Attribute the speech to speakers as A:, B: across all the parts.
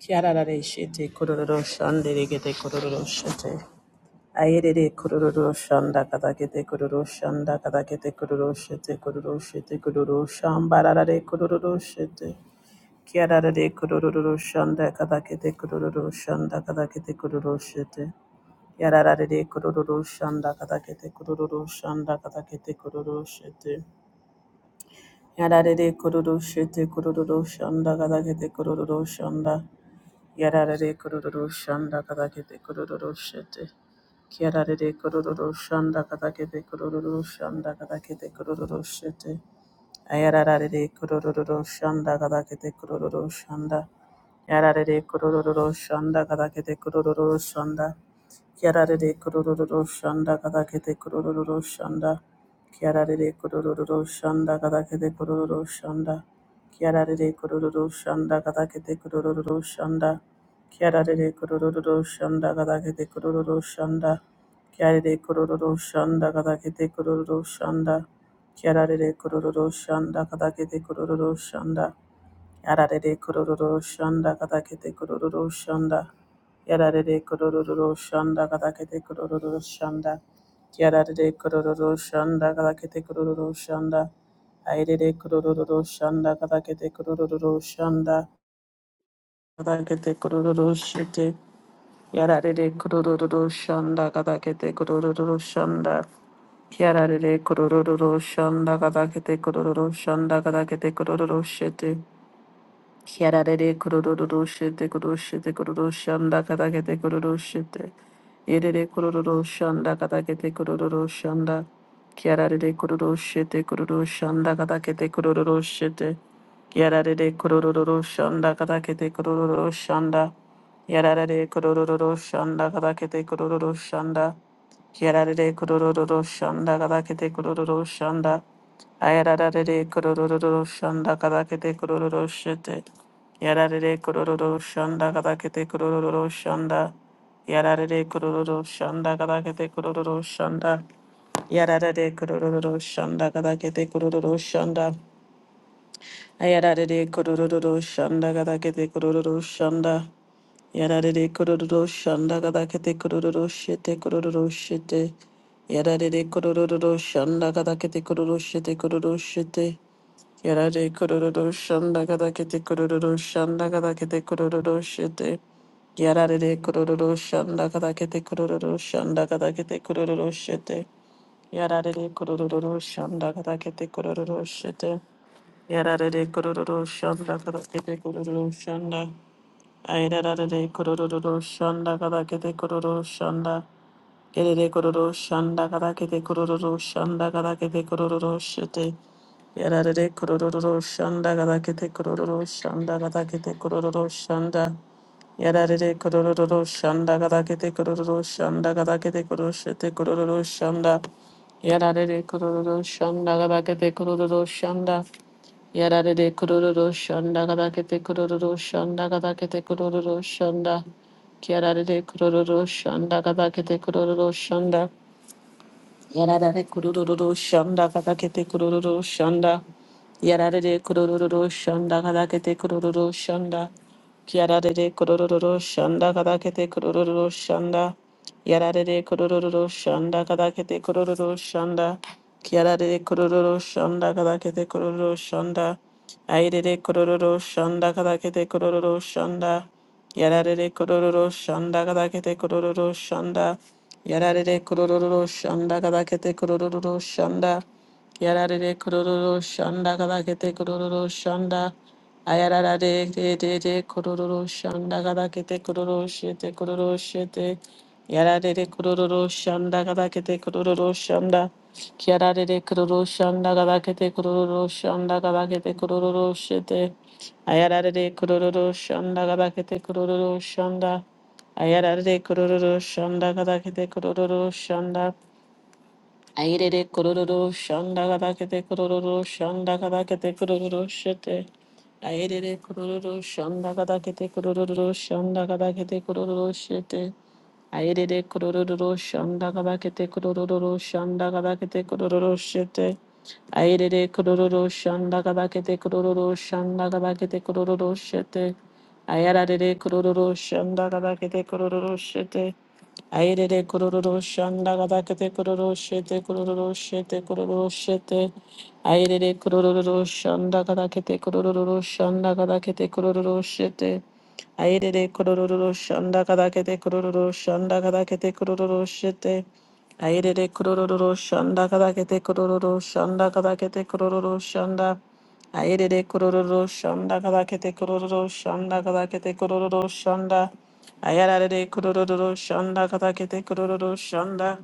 A: Kiararare shete kororo shande regete kororo shete. Ayerere kororo shanda kadakete kororo shanda kadakete kororo shete kororo shete kororo shambararare kororo shete. Kiararare kororo shanda kadakete kororo shanda kadakete kororo shete. Yararare kororo shanda kadakete kororo shanda kadakete kororo shete. Yararare kororo shete kororo shanda kadakete kororo shanda. Yararare kororo shanda katakete kororo shete. Kiararare kororo shanda katakete kororo shanda katakete kororo shete. Ayararare kororo shanda katakete kororo shanda. Yararare kororo shanda katakete kororo shanda. Kiararere kororo shanda kakakete kororo shanda. Kiararere kororo shanda kakakete kororo shanda. Kiararere kororo shanda kakakete kororo shanda. Kiararere kororo shanda kakakete kororo shanda. Kiararere kororo shanda kakakete kororo shanda. Kiararere kororo shanda kakakete kororo shanda. Kiararere kororo shanda kakakete kororo shanda. Yararere kororo shanda kadakete kororo shanda. Yararere kororo shanda kadakete kororo shanda. Airere kororo shanda kadakete kororo shanda. Kadakete kororo shete. Yararere kororo shanda kadakete kororo shanda. Yararere kororo shanda kadakete kororo shanda kadakete kororo shite. Yararere kororo shite kororo shite kororo shanda kadakete kororo shite. Yerere kororo shanda katakete kororo shanda. Kiararere kororo shete kororo shanda katakete kororo shete. Kiararere kororo shanda katakete kororo shanda. Yararere kororo shanda katakete kororo shanda. Kiararere kororo shanda katakete kororo shanda. Ayararere kororo shanda katakete kororo shete. Yarare kororo shanda kadakete kororo shanda. Yarare kororo shanda kadakete kororo shanda. Yarare kororo shanda kadakete kororo shanda. Yarare kororo shanda kadakete kororo shanda. Yarare kororo shanda kadakete kororo shete kororo shete. Yarare kororo shanda kadakete kororo shete kororo shete. Yarare kororo shanda gada kete kororo shanda gada kete kororo shete. Yarare kororo shanda gada kete kororo shanda gada kete kororo shete. Yarare kororo shanda gada kete kororo shete. Yarare kororo shanda gada kete kororo shanda. Ayrarare kororo shanda gada kete kororo shanda. Yarare kororo shanda gada kete kororo shanda gada kete kororo shete. Yarare kororo shanda gada kete kororo shanda gada kete kororo shanda. Yarare kororo shanda gada kete kororo shanda gada kete kororo shete kororo shanda. Yarare kororo shanda gada kete kororo shanda. Yarare kororo shanda gada kete kororo shanda gada kete kororo shanda. Yarare kororo shanda gada kete kororo shanda. Yarada Yarare kurururu shanda kada kadakete kurururu shanda. Yarare kurururu shanda kada kadakete kurururu shanda. Yarare kurururu shanda kada kadakete kurururu shanda. Yarare kurururu shanda kada kadakete kurururu shanda. Yarare kurururu shanda kada kadakete kurururu shanda. Aire de kurururu shanda kada kadakete kurururu shanda. Yarare kororo shanda gadakete kororo shanda. Yarare kororo shanda gadakete kororo shanda. Yarare kororo shanda gadakete kororo shanda. Ayarara de de de de kororo shanda gadakete kororo shete kororo shete. Yarare de kororo shanda gadakete kororo shanda. Kiarare de kororo shanda gadakete kororo shanda gadakete kororo shete. Ayarare kururu shanda gada kete kururu shanda. Ayarare kururu shanda gada kete kururu shanda. Ayirere kururu shanda gada kete kururu shanda gada kete kururu shete. Ayirere kururu shanda gada kete kururu shanda gada kete kururu shete. Ayirere kururu shanda gada kete kururu shanda gada kete kururu shete. Airere kororo shanda kabakete kororo shanda kabakete kororo shete. Ayararere kororo shanda kabakete kororo shete. Airere kororo shanda kabakete kororo shete kororo shete kororo shete. Airere kororo shanda kabakete kororo shanda kabakete kororo shete. Airere kororo shanda kabakete kororo shanda kabakete kororo shete. Ayerere kororo shanda kadakete kororo shanda kadakete kororo shanda. Ayerere kororo shanda kadakete kororo shanda kadakete kororo shanda. Ayarare kororo shanda kadakete kororo shanda.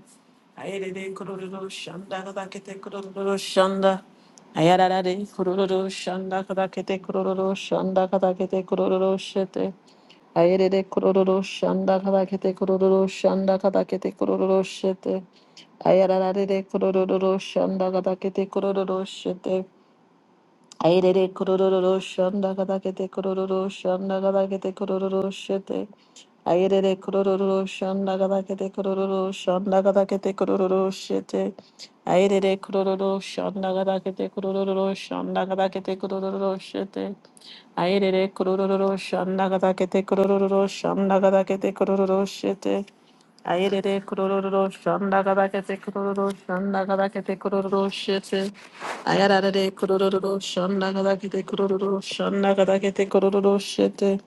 A: Ayerere kororo shanda kadakete kororo shanda. Ayarare kororo shanda kadakete kororo shanda kadakete kororo shete. Ayerere kororo shanda kadakete kororo shanda kadakete kororo shete. Ayararare kororo shanda gadakete kororo shete. Ayerere kororo shanda gadakete kororo shanda gadakete kororo shete. Ayerere kororo shanda gadakete kororo shanda gadakete kororo shete. Ayerere kororo shanda gadakete kororo shanda gadakete kororo shete. Ayerere kororo shanda gadakete kororo shanda gadakete kororo shete. Ayerere kurororo shanda gadakete kurororo shanda gadakete kurororo shete. Ayararare kurororo shanda gadakete kurororo shanda gadakete kurororo shete.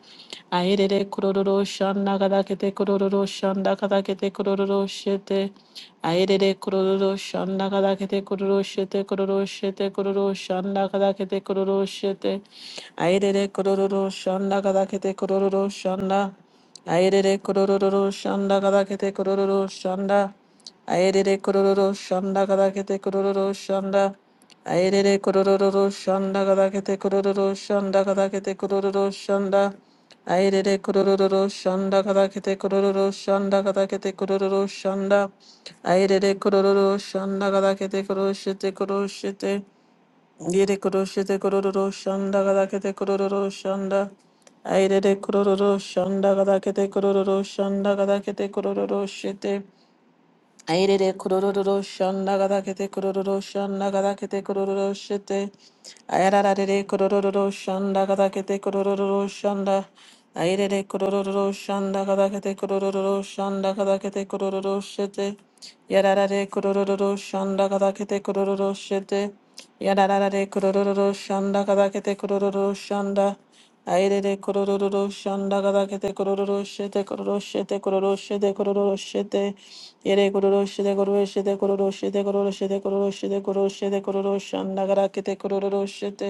A: Ayerere kurororo shanda gadakete kurororo shanda gadakete kurororo shete. Ayerere kurororo shanda gadakete kurororo shete kurororo shete kurororo shanda gadakete kurororo shete. Ayerere kurororo shanda gadakete kurororo shanda. Ayerere kororo shanda kadakete kororo shanda. Ayerere kororo shanda kadakete kororo shanda. Ayerere kororo shanda kadakete kororo shanda kadakete kororo shanda. Ayerere kororo shanda kadakete kororo shanda kadakete kororo shanda. Ayerere kororo shanda kadakete koroshete koroshete. Yere koroshete kororo shanda gada kete kororo shanda. Aire de kororo shanda gada kete kororo shanda gada kete kororo shete. Airere kororo shanda gada kete kororo shanda gada kete kororo shete. Ayararare kororo shanda gada kete kororo shanda. Airere kororo shanda gada kete kororo shanda gada kete kororo shete. Yararare kororo shanda gada kete kororo shete. Yararare kororo shanda gada kete kororo shanda. Airere kororo shanda gada kete kororo shete kororo shete kororo shete kororo shete yere kororo shete kororo shete kororo shete kororo shete kororo shete kororo shete kororo shanda gada kete kororo shete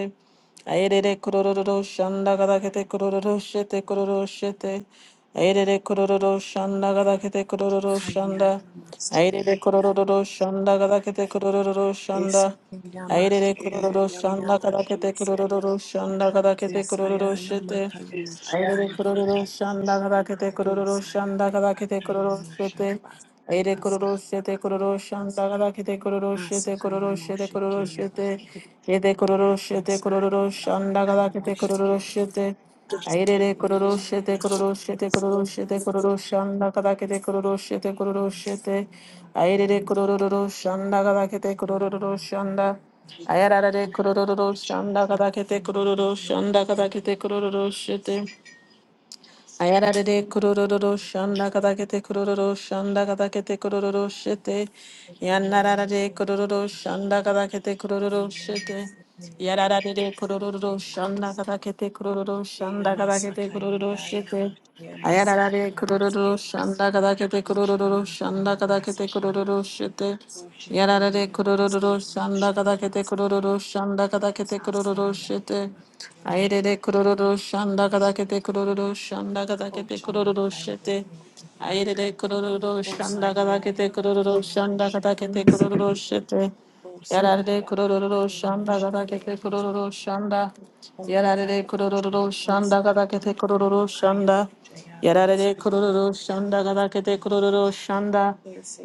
A: airere kororo shanda gada kete kororo shete kororo shete airere kororo shanda gada kete kororo shanda
B: Kaya Masaya
A: airere
B: Boshaya
A: kororo shanda gada kete kororo shanda
B: Esiki
A: Aire
B: Yamashiki
A: kororo shanda
B: Yalamokosha
A: kadakete
B: Masaki
A: kororo shanda kadakete kororo
B: Esaya
A: shete.
B: Yalamakaya Moshi
A: Aire kororo
B: Yamasaki
A: shanda kadakete kororo
B: Esaya
A: shanda kadakete
B: Yabakaya
A: kororo shete.
B: Moshi Abasaki
A: Aire kororo
B: Basa
A: shete kororo shanda kadakete kororo shete
B: Asakaya
A: kororo shete kororo
B: Moshiki
A: shete.
B: Yabas
A: Yede kororo shete
B: Esaya
A: kororo shanda
B: Yalamakaya
A: kadakete kororo
B: Moshiki
A: shete. Aire
B: Asakaya
A: kororo shete
B: Yalamokosha
A: kororo shete kororo shete
B: Yamasaki
A: kororo shanda kada kete kororo shete
B: Esiki
A: kororo
B: Yamasa
A: shete
B: Yalamakaya
A: aire
B: Moshiki
A: kororo shanda kada kete kororo
B: Yamakaya
A: shanda
B: Moshama
A: ayarare kororo shanda kada kete
B: Esaya
A: kororo shanda kada kete kororo shete
B: Yes,
A: Ayararere
B: Osaya
A: kurororo
B: yalamakaya
A: shanda
B: moshe
A: katakete
B: yamasa.
A: kurororo shanda katakete kurororo shete.
B: Osaya
A: Yanararare kurororo shanda katakete kurororo shete. Yarararere kurororo shanda katakete kurororo shanda katakete kurororo shete. Ayararare kurururu shanda kada kete kurururu shanda kada kete kurururu shete. Yararare kurururu shanda kada kete kurururu shanda kada kete kurururu shete. Ayerere kurururu shanda kada kete kurururu shanda kada kete kurururu shete. Ayerere kurururu shanda kada kete kurururu shanda kada kete kurururu shete. Yarare kurororo
B: yabakaya
A: shanda
B: lamoshe
A: gada kete
B: kaya
A: kurororo shanda. Yarare
B: Umakaya
A: kurororo
B: Boshaya Masa,
A: shanda gada kete kurororo
B: Ukaya
A: shanda.
B: Moshaya
A: Yarare
B: Basaya
A: kurororo
B: Basaya
A: shanda gada kete
B: Moshama,
A: kurororo shanda.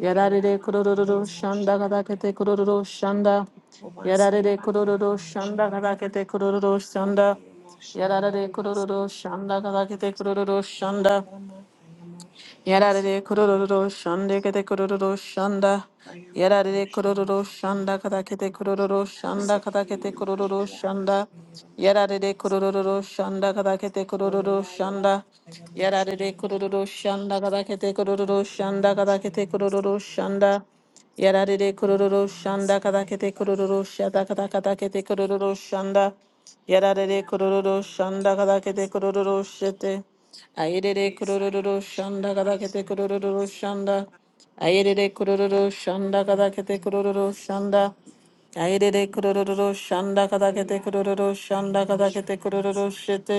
A: Yarare kurororo
B: Kayala Moshe
A: shanda gada kete
B: Kayaba,
A: kurororo shanda.
B: Umasaya
A: Yarare
B: Bakaya
A: kurororo shanda gada
B: Moshayama,
A: kete kurororo shanda.
B: Ukaya Moshaya
A: Yarare
B: Masa
A: kurororo
B: Kayaba,
A: shanda gada kete kurororo shanda.
B: Yayala Makaya Moshe Asa,
A: Yarare
B: Kaya
A: kororo shande kete kororo shanda.
B: Moshaya
A: Yarare
B: Mokosha
A: kororo
B: Masa Kaya,
A: shanda kata kete kororo shanda kata kete
B: Usekayama
A: kororo
B: Kayaba
A: shanda.
B: Kayala Moshe
A: Yarare
B: Masa,
A: kororo shanda kata kete
B: Oya
A: kororo
B: Yayala
A: shanda.
B: Bakaya
A: Yarare
B: Moshayama,
A: kororo shanda kata kete kororo shanda
B: Moshayama
A: kata kete
B: Moshayama
A: kororo
B: Sekeba,
A: shanda. Yarare kororo
B: Oike
A: shanda kada
B: masaya
A: kete
B: yabasa
A: kororo shada
B: chomoko
A: kada kada kete
B: maseke
A: kororo shanda. Yarare kororo
B: yamakaya
A: shanda
B: bosha
A: kada kete kororo
B: masekeba.
A: shete. Ayere
B: Isaya
A: kororo
B: moshe
A: shanda kada kete
B: yabakaya
A: kororo
B: moshe
A: shanda.
B: yabasa
A: Ayere kororo shanda
B: oye
A: kada kete
B: makaya
A: kororo
B: moshe
A: shanda.
B: yamasa.
A: Airere kurororo shanda kada kete
B: Eya
A: kurororo
B: yamakaya
A: shanda kada
B: moshe
A: kete kurororo
B: yamasa.
A: shete.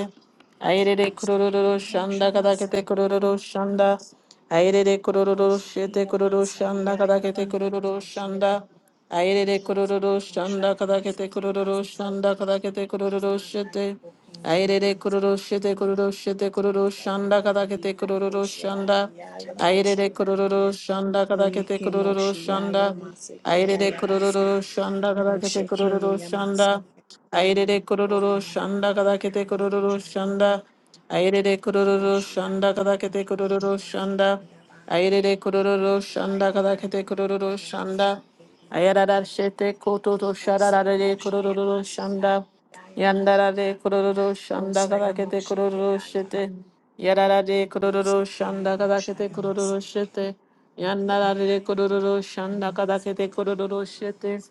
A: Airere
B: Oseke
A: kurororo
B: moshe
A: shanda kada kete
B: masaya
A: kurororo shanda.
B: yabaka.
A: Airere kurororo
B: Osheke
A: shete kurororo
B: yamasa
A: shanda
B: ya
A: kada kete
B: yabaka
A: kurororo
B: moshe.
A: shanda. Airere kurororo
B: Oseke moshe
A: shanda kada
B: yamasa
A: kete kurororo
B: kebasa.
A: shanda kada kete kurororo
B: Umakaya
A: shete.
B: bokoshe
A: Airere kororo
B: yamasa.
A: shete kororo shete kororo shanda kada kete kororo
B: Sayamakayimakoshe
A: shanda.
B: ayayalabasa.
A: Airere kororo shanda kada kete kororo
B: Oyekemoshe
A: shanda.
B: yayamaseke
A: Airere kororo
B: basa.
A: shanda kada kete
B: Osheke
A: kororo shanda.
B: yayamaseke.
A: Airere kororo shanda kada kete kororo
B: Oyayalamakayamosha yama.
A: shanda. Airere kororo
B: Oshe
A: shanda kada kete
B: yamokoshe
A: kororo shanda.
B: yamasa yaba.
A: Airere kororo shanda kada kete kororo
B: Ohayayalamakayamoshe
A: shanda.
B: yaba.
A: Ayarara shete kototo shararare
B: Oseyamosha
A: kororo
B: yamase
A: shanda.
B: ayayalabaka.
A: Yandarare kororo shanda kadakete
B: Osayamoshe
A: kororo
B: keyayaba.
A: shete. Yararare kororo shanda
B: Osekeyamosha
A: kadakete kororo
B: yamase.
A: shete. Yandarare
B: Oyayalamase
A: kororo shanda
B: yayamasa
A: kadakete
B: yaba.
A: kororo shete.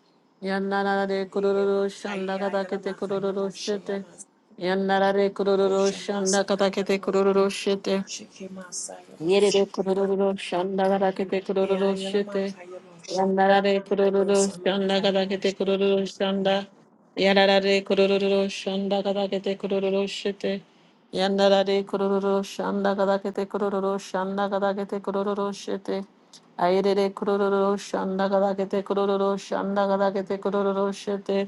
A: Yandarare kororo shanda
B: Eyamakaya
A: kadakete
B: yalamakaya
A: kororo
B: moshe
A: shete.
B: yamas
A: Yandarare kororo shanda
B: oshamasa kaya
A: kadakete
B: roku
A: kororo shete.
B: shike masa yabose
A: Yerere
B: kaya
A: kurururu şandagara kete kurururu şete.
B: eyayalamakaya moshe
A: Yandarare kurururu
B: osama kaya
A: şandagara kete
B: moshe
A: kurururu şanda. Yararare kurururu şandagara kete kurururu şete. Yandarare kurururu şandagara kete kurururu şandagara kete kurururu şete. Ayerere kurururu şandagara kete kurururu şandagara kete kurururu şete.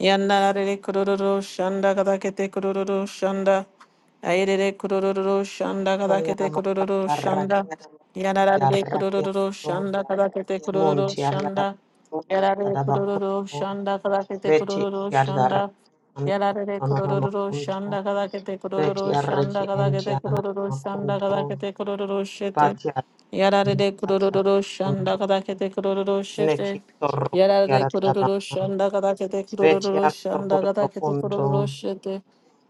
A: Yandarare kurururu şandagara kete kurururu şanda. Ayerere kurororo shanda
C: Koniana
A: kadakete kurororo
C: makaraki
A: shanda. Yararare kurororo
C: yarrakianto
A: shanda kadakete kurororo
C: munti
A: shanda. Yarare kurororo
C: yarrabakunto
A: shanda kadakete
C: beti
A: kurororo shanda.
C: yarrakianto
A: Yarare
C: nono
A: kurororo
C: makunto
A: shanda kadakete
C: beti
A: kurororo shanda
C: yarraki
A: kadakete
C: entiana
A: kurororo shanda
C: makunto
A: kadakete kurororo shete.
C: bati
A: Yarare kurororo shanda
C: yarrakunto
A: kadakete kurororo
C: neki
A: shete.
C: torroko
A: Yarare
C: yarrabana
A: kurororo shanda kadakete
C: beti
A: kurororo
C: yarroko
A: shanda kadakete
C: kunto
A: kurororo shete.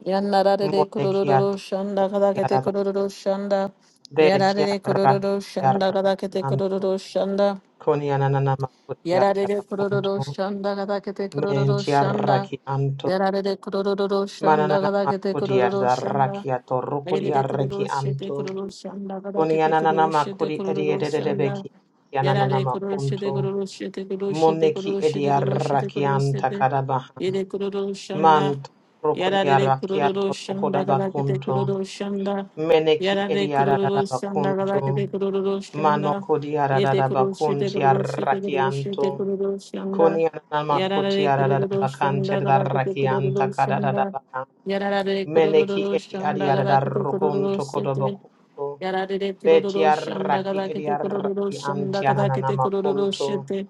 A: Yanarare
C: muneki
A: kurororo
C: yatorroko
A: shanda kadakete
C: yarraba
A: kurororo shanda.
C: beti
A: Yarare
C: yarraki
A: kurororo shanda kadakete
C: yarrakanto
A: kurororo shanda.
C: koniana nana makuti
A: Yarare kororo
C: yarrabakunto
A: shanda gada kete kororo
C: Menti
A: shanda.
C: arraki anto.
A: Yarare kororo shanda
C: Mananana
A: gada kete
C: makudi
A: kororo shanda.
C: arraki ato rukudi
A: Yarare
C: arraki
A: kororo shete
C: anto.
A: kororo shanda gada
C: Kuni
A: kete
C: ananana
A: kororo shete
C: makudi edi
A: kororo
C: edededebeki.
A: shanda.
C: Yananana
A: Yarare kororo
C: makunto.
A: shete kororo shete kororo shete
C: Moneki
A: kororo
C: edi
A: shete kororo shete
C: arraki
A: kororo
C: anta
A: shete.
C: Karabaha.
A: Yere kororo shanda.
C: Manto rukudi
A: Yarare
C: arraki
A: kururu
C: ato
A: shanda galakete
C: rukudabakunto.
A: kururu shanda.
C: Meneki
A: Yarare
C: edi
A: kururu shanda
C: aradabakunto.
A: galakete kururu
C: Mano
A: shanda.
C: kudi
A: Yete kuru shite
C: aradadabakunti
A: kururu shite
C: arraki
A: kururu shite
C: anto.
A: kururu shanda.
C: Kuni ananana makuti
A: Yarare kururu
C: aradabakanti
A: shanda galakete
C: arraki
A: kururu
C: anta
A: shanda.
C: Karabaha.
A: Yarare
C: Meneki
A: kururu
C: edi
A: shanda
C: adiada
A: galakete
C: rukun
A: kururu shite.
C: tokodobokunto.
A: Yararere kurororo shanda
C: Betiaraki
A: kabakete kurororo
C: ediaraki
A: shanda kabakete kurororo
C: antiananamakunto.
A: shete.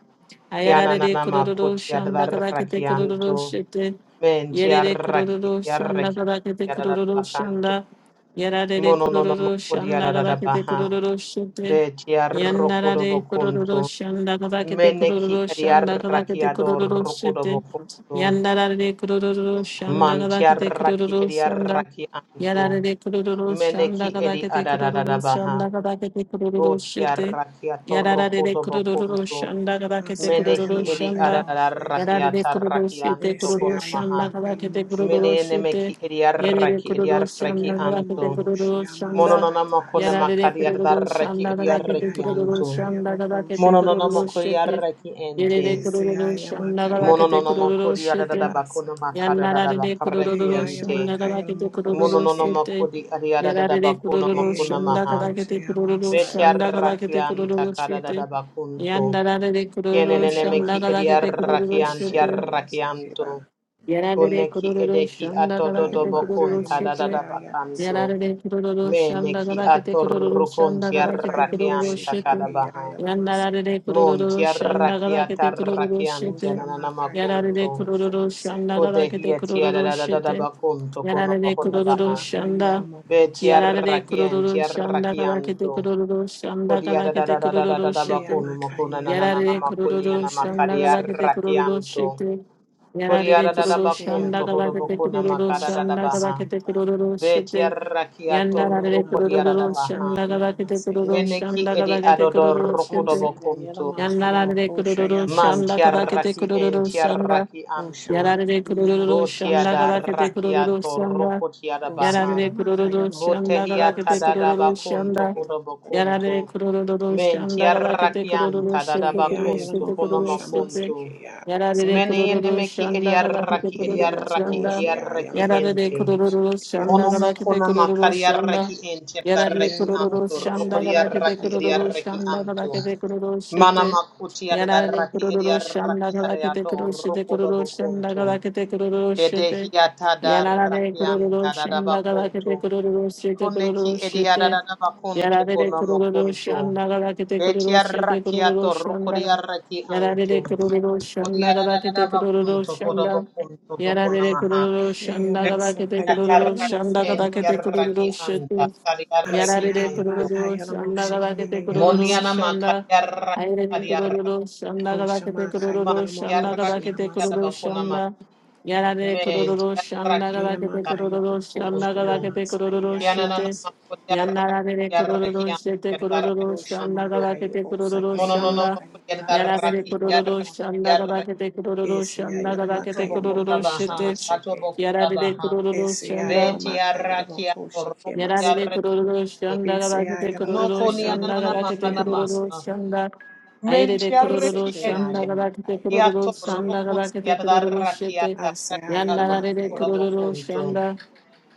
A: Ayararere kurororo
C: Kiananamakuti
A: shanda kabakete
C: adarrakianto.
A: kurororo shete. Yerere
C: Mentiaraki
A: kurororo shanda
C: ediaraki
A: kabakete kurororo
C: yadadabakanto.
A: shanda. Yararere kurororo
C: Monononomokodi
A: shanda kabakete
C: yadadabaha.
A: kurororo shete. Yandarare kurororo
C: Betiarrokodobokunto.
A: shanda kabakete
C: Meneki
A: kurororo shanda
C: ediaraki
A: kabakete kurororo shete.
C: adorrokodobokunto.
A: Yandarare kurororo shanda kabakete
C: Mantiaraki
A: kurororo shanda.
C: ediaraki anto.
A: Yarare de kururu şanda
C: Meneki
A: kada
C: edi
A: kete kururu
C: adadadabaha.
A: şanda kada kete kururu şete.
C: Rotiaraki
A: Yarare de
C: atorokoto
A: kururu
C: bokunto.
A: şanda kada kete
B: asaya
C: Menehi
A: kururu
C: edi
B: yalamakaya
A: şanda.
B: moshe ke
C: adadaraki
A: Yarare de kururu
C: ataraki
A: şete
C: anto
A: kururu
B: esaya
A: şanda
C: konamaha.
A: kada
B: yalamakaya
A: kete
B: moshe
A: kururu
B: yamas
A: şete.
B: ke
C: Menenemeki
A: Yere de
C: ediaraki
A: kururu
B: osaya
C: ediaraki
A: şanda kada kete
C: anto.
B: yalamoko
A: kururu
B: shiyamasa
A: şanda.
C: Monononamako
B: hayabase
A: Yarare
B: ke
A: de
C: nemakadi
A: kururu
C: adaraki
A: şanda kada kete
C: ediaraki
B: ayya
A: kururu
C: anto.
B: yalamakaya
A: şanda kada
B: roku
A: kete kururu
B: shiyamase
C: Monononamako
A: şete.
C: diaraki
A: Yere
C: ente.
A: de
B: esaya
A: kururu şanda
B: yamakaya
A: kada
B: yalamoko
C: Monononamako
A: kururu
B: shike
A: şete.
C: diadadabako
B: masa
A: Yanarade
C: namakadadabakaraki
A: kururu
B: eyaya
C: ente.
A: shanda
B: makaya
A: kabakete
B: yalamoko
A: kururu
C: Mononono
A: sete.
C: makodi ariada da
A: Yararede
C: bakuna
A: kururu
C: makuna
A: shanda
C: maha.
B: Yalabaka
A: kabakete kururu shanda
B: yalabaka
A: kabakete
C: Betiarrakian
A: kururu
C: takada
B: Yamosheba
C: da
A: sete. Yandarade kururu shanda
B: Eyamaka
A: kabakete kururu
B: Yalaboko
C: ediarrakian
A: sete.
B: Sheyamasa Kiba
C: tiarrakianto.
A: Yararede
C: Koneki
A: kururu
C: edeki
A: shanda
C: atodo do
A: kabakete
B: Ayamaka
A: kururu
C: bakunta da
A: sete.
C: da
B: Yamoshia Yakase
C: bakanto.
A: Yarare kururu
C: Me
A: shanda
C: neki
A: garakete kururu
C: atorrukun
A: shanda
B: Boka
A: garakete kururu
C: tiarrakian
B: Yamoshi
A: shete.
C: takada
B: Kiya Yalamase
A: Yandarare
C: Mon
A: kururu shanda
C: tiarrakiata
A: garakete kururu
C: rakian
B: O
A: shete.
C: tiananana
B: Shamaka
A: Yarare
C: makunto.
B: Yalaboko
A: kururu
B: Shamase
A: shanda
C: Kodehi
A: garakete
C: etiada
A: kururu shete.
C: kono
A: Yarare
B: O
C: mahoda
A: kururu
B: Shamaka
A: shanda.
B: Yalamoko
A: Yarare
C: Betiarrakien,
B: Sheyamase
A: kururu shanda garakete
C: tiarrakianto.
A: kururu shanda garakete kururu shete.
C: Kodiadadadadadadabakunu
B: Eyamaka
C: mokuna nanana
A: Yarare
B: Yalabaka
C: makunia
A: kururu shanda galakete
B: Yamoshayamaseke
A: kururu
C: namakadiarrakianto.
A: shite. Yarare
B: O
A: kururu shanda
C: Kodiadadabakunto
A: galakete
C: hodobokuna
A: kururu shanda
B: yalamase.
C: makadadabaha.
A: galakete kururu shite.
C: Betiarrakiato
B: Oh,
A: Yandarare
B: Yamakaya
A: kururu
B: Moko
A: shanda
C: rukodiadadabaha.
A: galakete
B: Shiyamase
A: kururu
C: Meneki
A: shanda
C: edi
A: galakete kururu
B: O
A: shite.
C: adodorokodobokunto.
A: Yandarare kururu
C: Man
A: shanda kadakete
B: Sayayalamakayamakoshayamasayamas.
C: tiarraki en
A: kururu shanda.
B: O
C: tiarrakianto.
A: Yarare kururu shanda kadakete
B: Shamakayalamakoshayamas.
A: kururu
C: Botiadarrakiato
A: shanda.
B: O
C: rukotiadabaha.
A: Yarare kururu
B: Sayalamakayamoko
A: shanda
C: Botehia
A: kadakete kururu
B: Shamasayayabas.
C: tadadabacunto
A: shanda. Yarare
C: codobocunto.
A: kururu shanda kadakete
C: Mentiarrakian
A: kururu
B: O
A: shete kururu
C: tadadabacunto
A: shete kururu shete.
C: conomocunto.
B: Yayalamakoshamasakayabas.
A: Yarare
C: Mene
A: kururu
C: enemeki
A: shanda kadakete
C: ediarraki
A: kururu
C: ediarraki
A: shanda.
C: ediarraki
A: Yarare
C: ente.
A: kururu shanda
B: Yayamokoshayalamakayamoshayabas.
A: kadakete
C: Monomocona
A: kururu shanda.
C: macariarraki ente
A: Yarare
C: darreki
A: kururu
C: anto.
A: shanda galake de
C: Rocodiarraki
A: kururu
C: ediarraki
A: shanda
C: anto.
A: galake
B: Yayamokoshayamakayabas.
A: de kururu shete.
C: Manamacuti
A: Yarare
C: adarraki
A: kururu shanda
C: ediarraki
A: galake de
C: areato
A: kururu shete kururu shanda
C: rocodobocunto.
A: galake de kururu shete.
C: Edehia
A: Yarare
C: tadarrakian
A: kururu shanda galake de
C: tadadabacunto.
A: kururu shete
C: Koneki
A: kururu shete.
C: ediarara bakunto
A: Yarare
C: konamo
A: kururu
C: kunto.
A: shanda galake de kururu shete kururu
C: Betiarrakiato
A: shanda.
C: rukuriarraki anto.
A: Yarare kururu shanda galake
C: Kodiarara
A: de kururu
C: bakunto kodobo
A: shanda.
C: kunto
A: Yarare
C: bokunamaha.
A: kururu shanda galake de kururu
C: Betiatarraki
A: shanda galake
B: Shayamasakayalamoshayama.
A: de
C: entiarraki
A: kururu
C: anta.
A: shete.
C: Kadiarraki
A: Yarare
C: anto.
A: kururu shanda galakete kururu
B: Asayayabakayalamoshayabasa.
C: Monianama
A: shanda.
C: kadiarraki
A: Aire
C: adiarraki.
A: kururu shanda
B: O
A: galakete
B: Shama
C: Man
A: kururu
B: Kayela
A: shanda
B: Moko
C: tiarraki
A: galakete
B: Shiamase.
A: kururu
C: adiarabakunama.
A: shanda. Yarare
C: Men
A: kururu shanda
C: tiarraki
B: Eyama
A: galakete
B: Kaya
A: kururu
B: Boko
A: shanda
C: anto.
A: galakete
B: Shiamasa
A: kururu
C: Kiananama
A: shete.
B: Yalabaseke.
A: Yanarare kururu
C: kodiarraki
A: shete
C: adiarraki
A: kururu
B: O
A: shanda
B: Shama
C: anto.
B: Kaya
A: galakete kururu
B: Bosake Yama
C: Monononomo
A: shanda.
B: Kaya
A: Yarare
C: yarraki
B: Yalabaseke
A: kururu
C: yarraki
B: Bokomo.
A: shanda
C: yarraki.
A: galakete kururu
B: Esia
A: shanda
B: Yalama
C: Buto
A: galakete
B: Kaya
C: bokuta
A: kururu
B: Moko
C: baha,
A: shete.
C: bato
B: Shamaseke.
C: bokuta
A: Yarare
C: baha.
A: kururu
B: Esia
A: shanda.
C: Beti
B: Yalama Kaya
C: yarraki
B: Moko
C: yarraki
B: Shikemasa.
A: Nerede
C: yarraki.
A: kururu şanda
B: Esia
A: galakete
B: Yalama
C: No
A: kururu
C: koni
A: şanda
C: ananana
B: Moko
A: galakete
C: mahana
A: kururu
C: maha.
B: Shiamaseke.
A: şanda
C: Menti
A: ayrede kururu
C: yarraki
B: Eseke
A: şanda
C: ente.
B: Yama
A: galakete
B: Kaya Boko
C: Yato
A: kururu şanda
C: rokun
B: Shiamase.
A: galakete kururu
C: yarraki
A: şete
C: yarraki
B: Asaya
C: yato.
B: Yalama
A: yandararede
B: Kaya
C: Kora
B: Moko
A: kururu
C: bokunto.
B: Shike.
A: şanda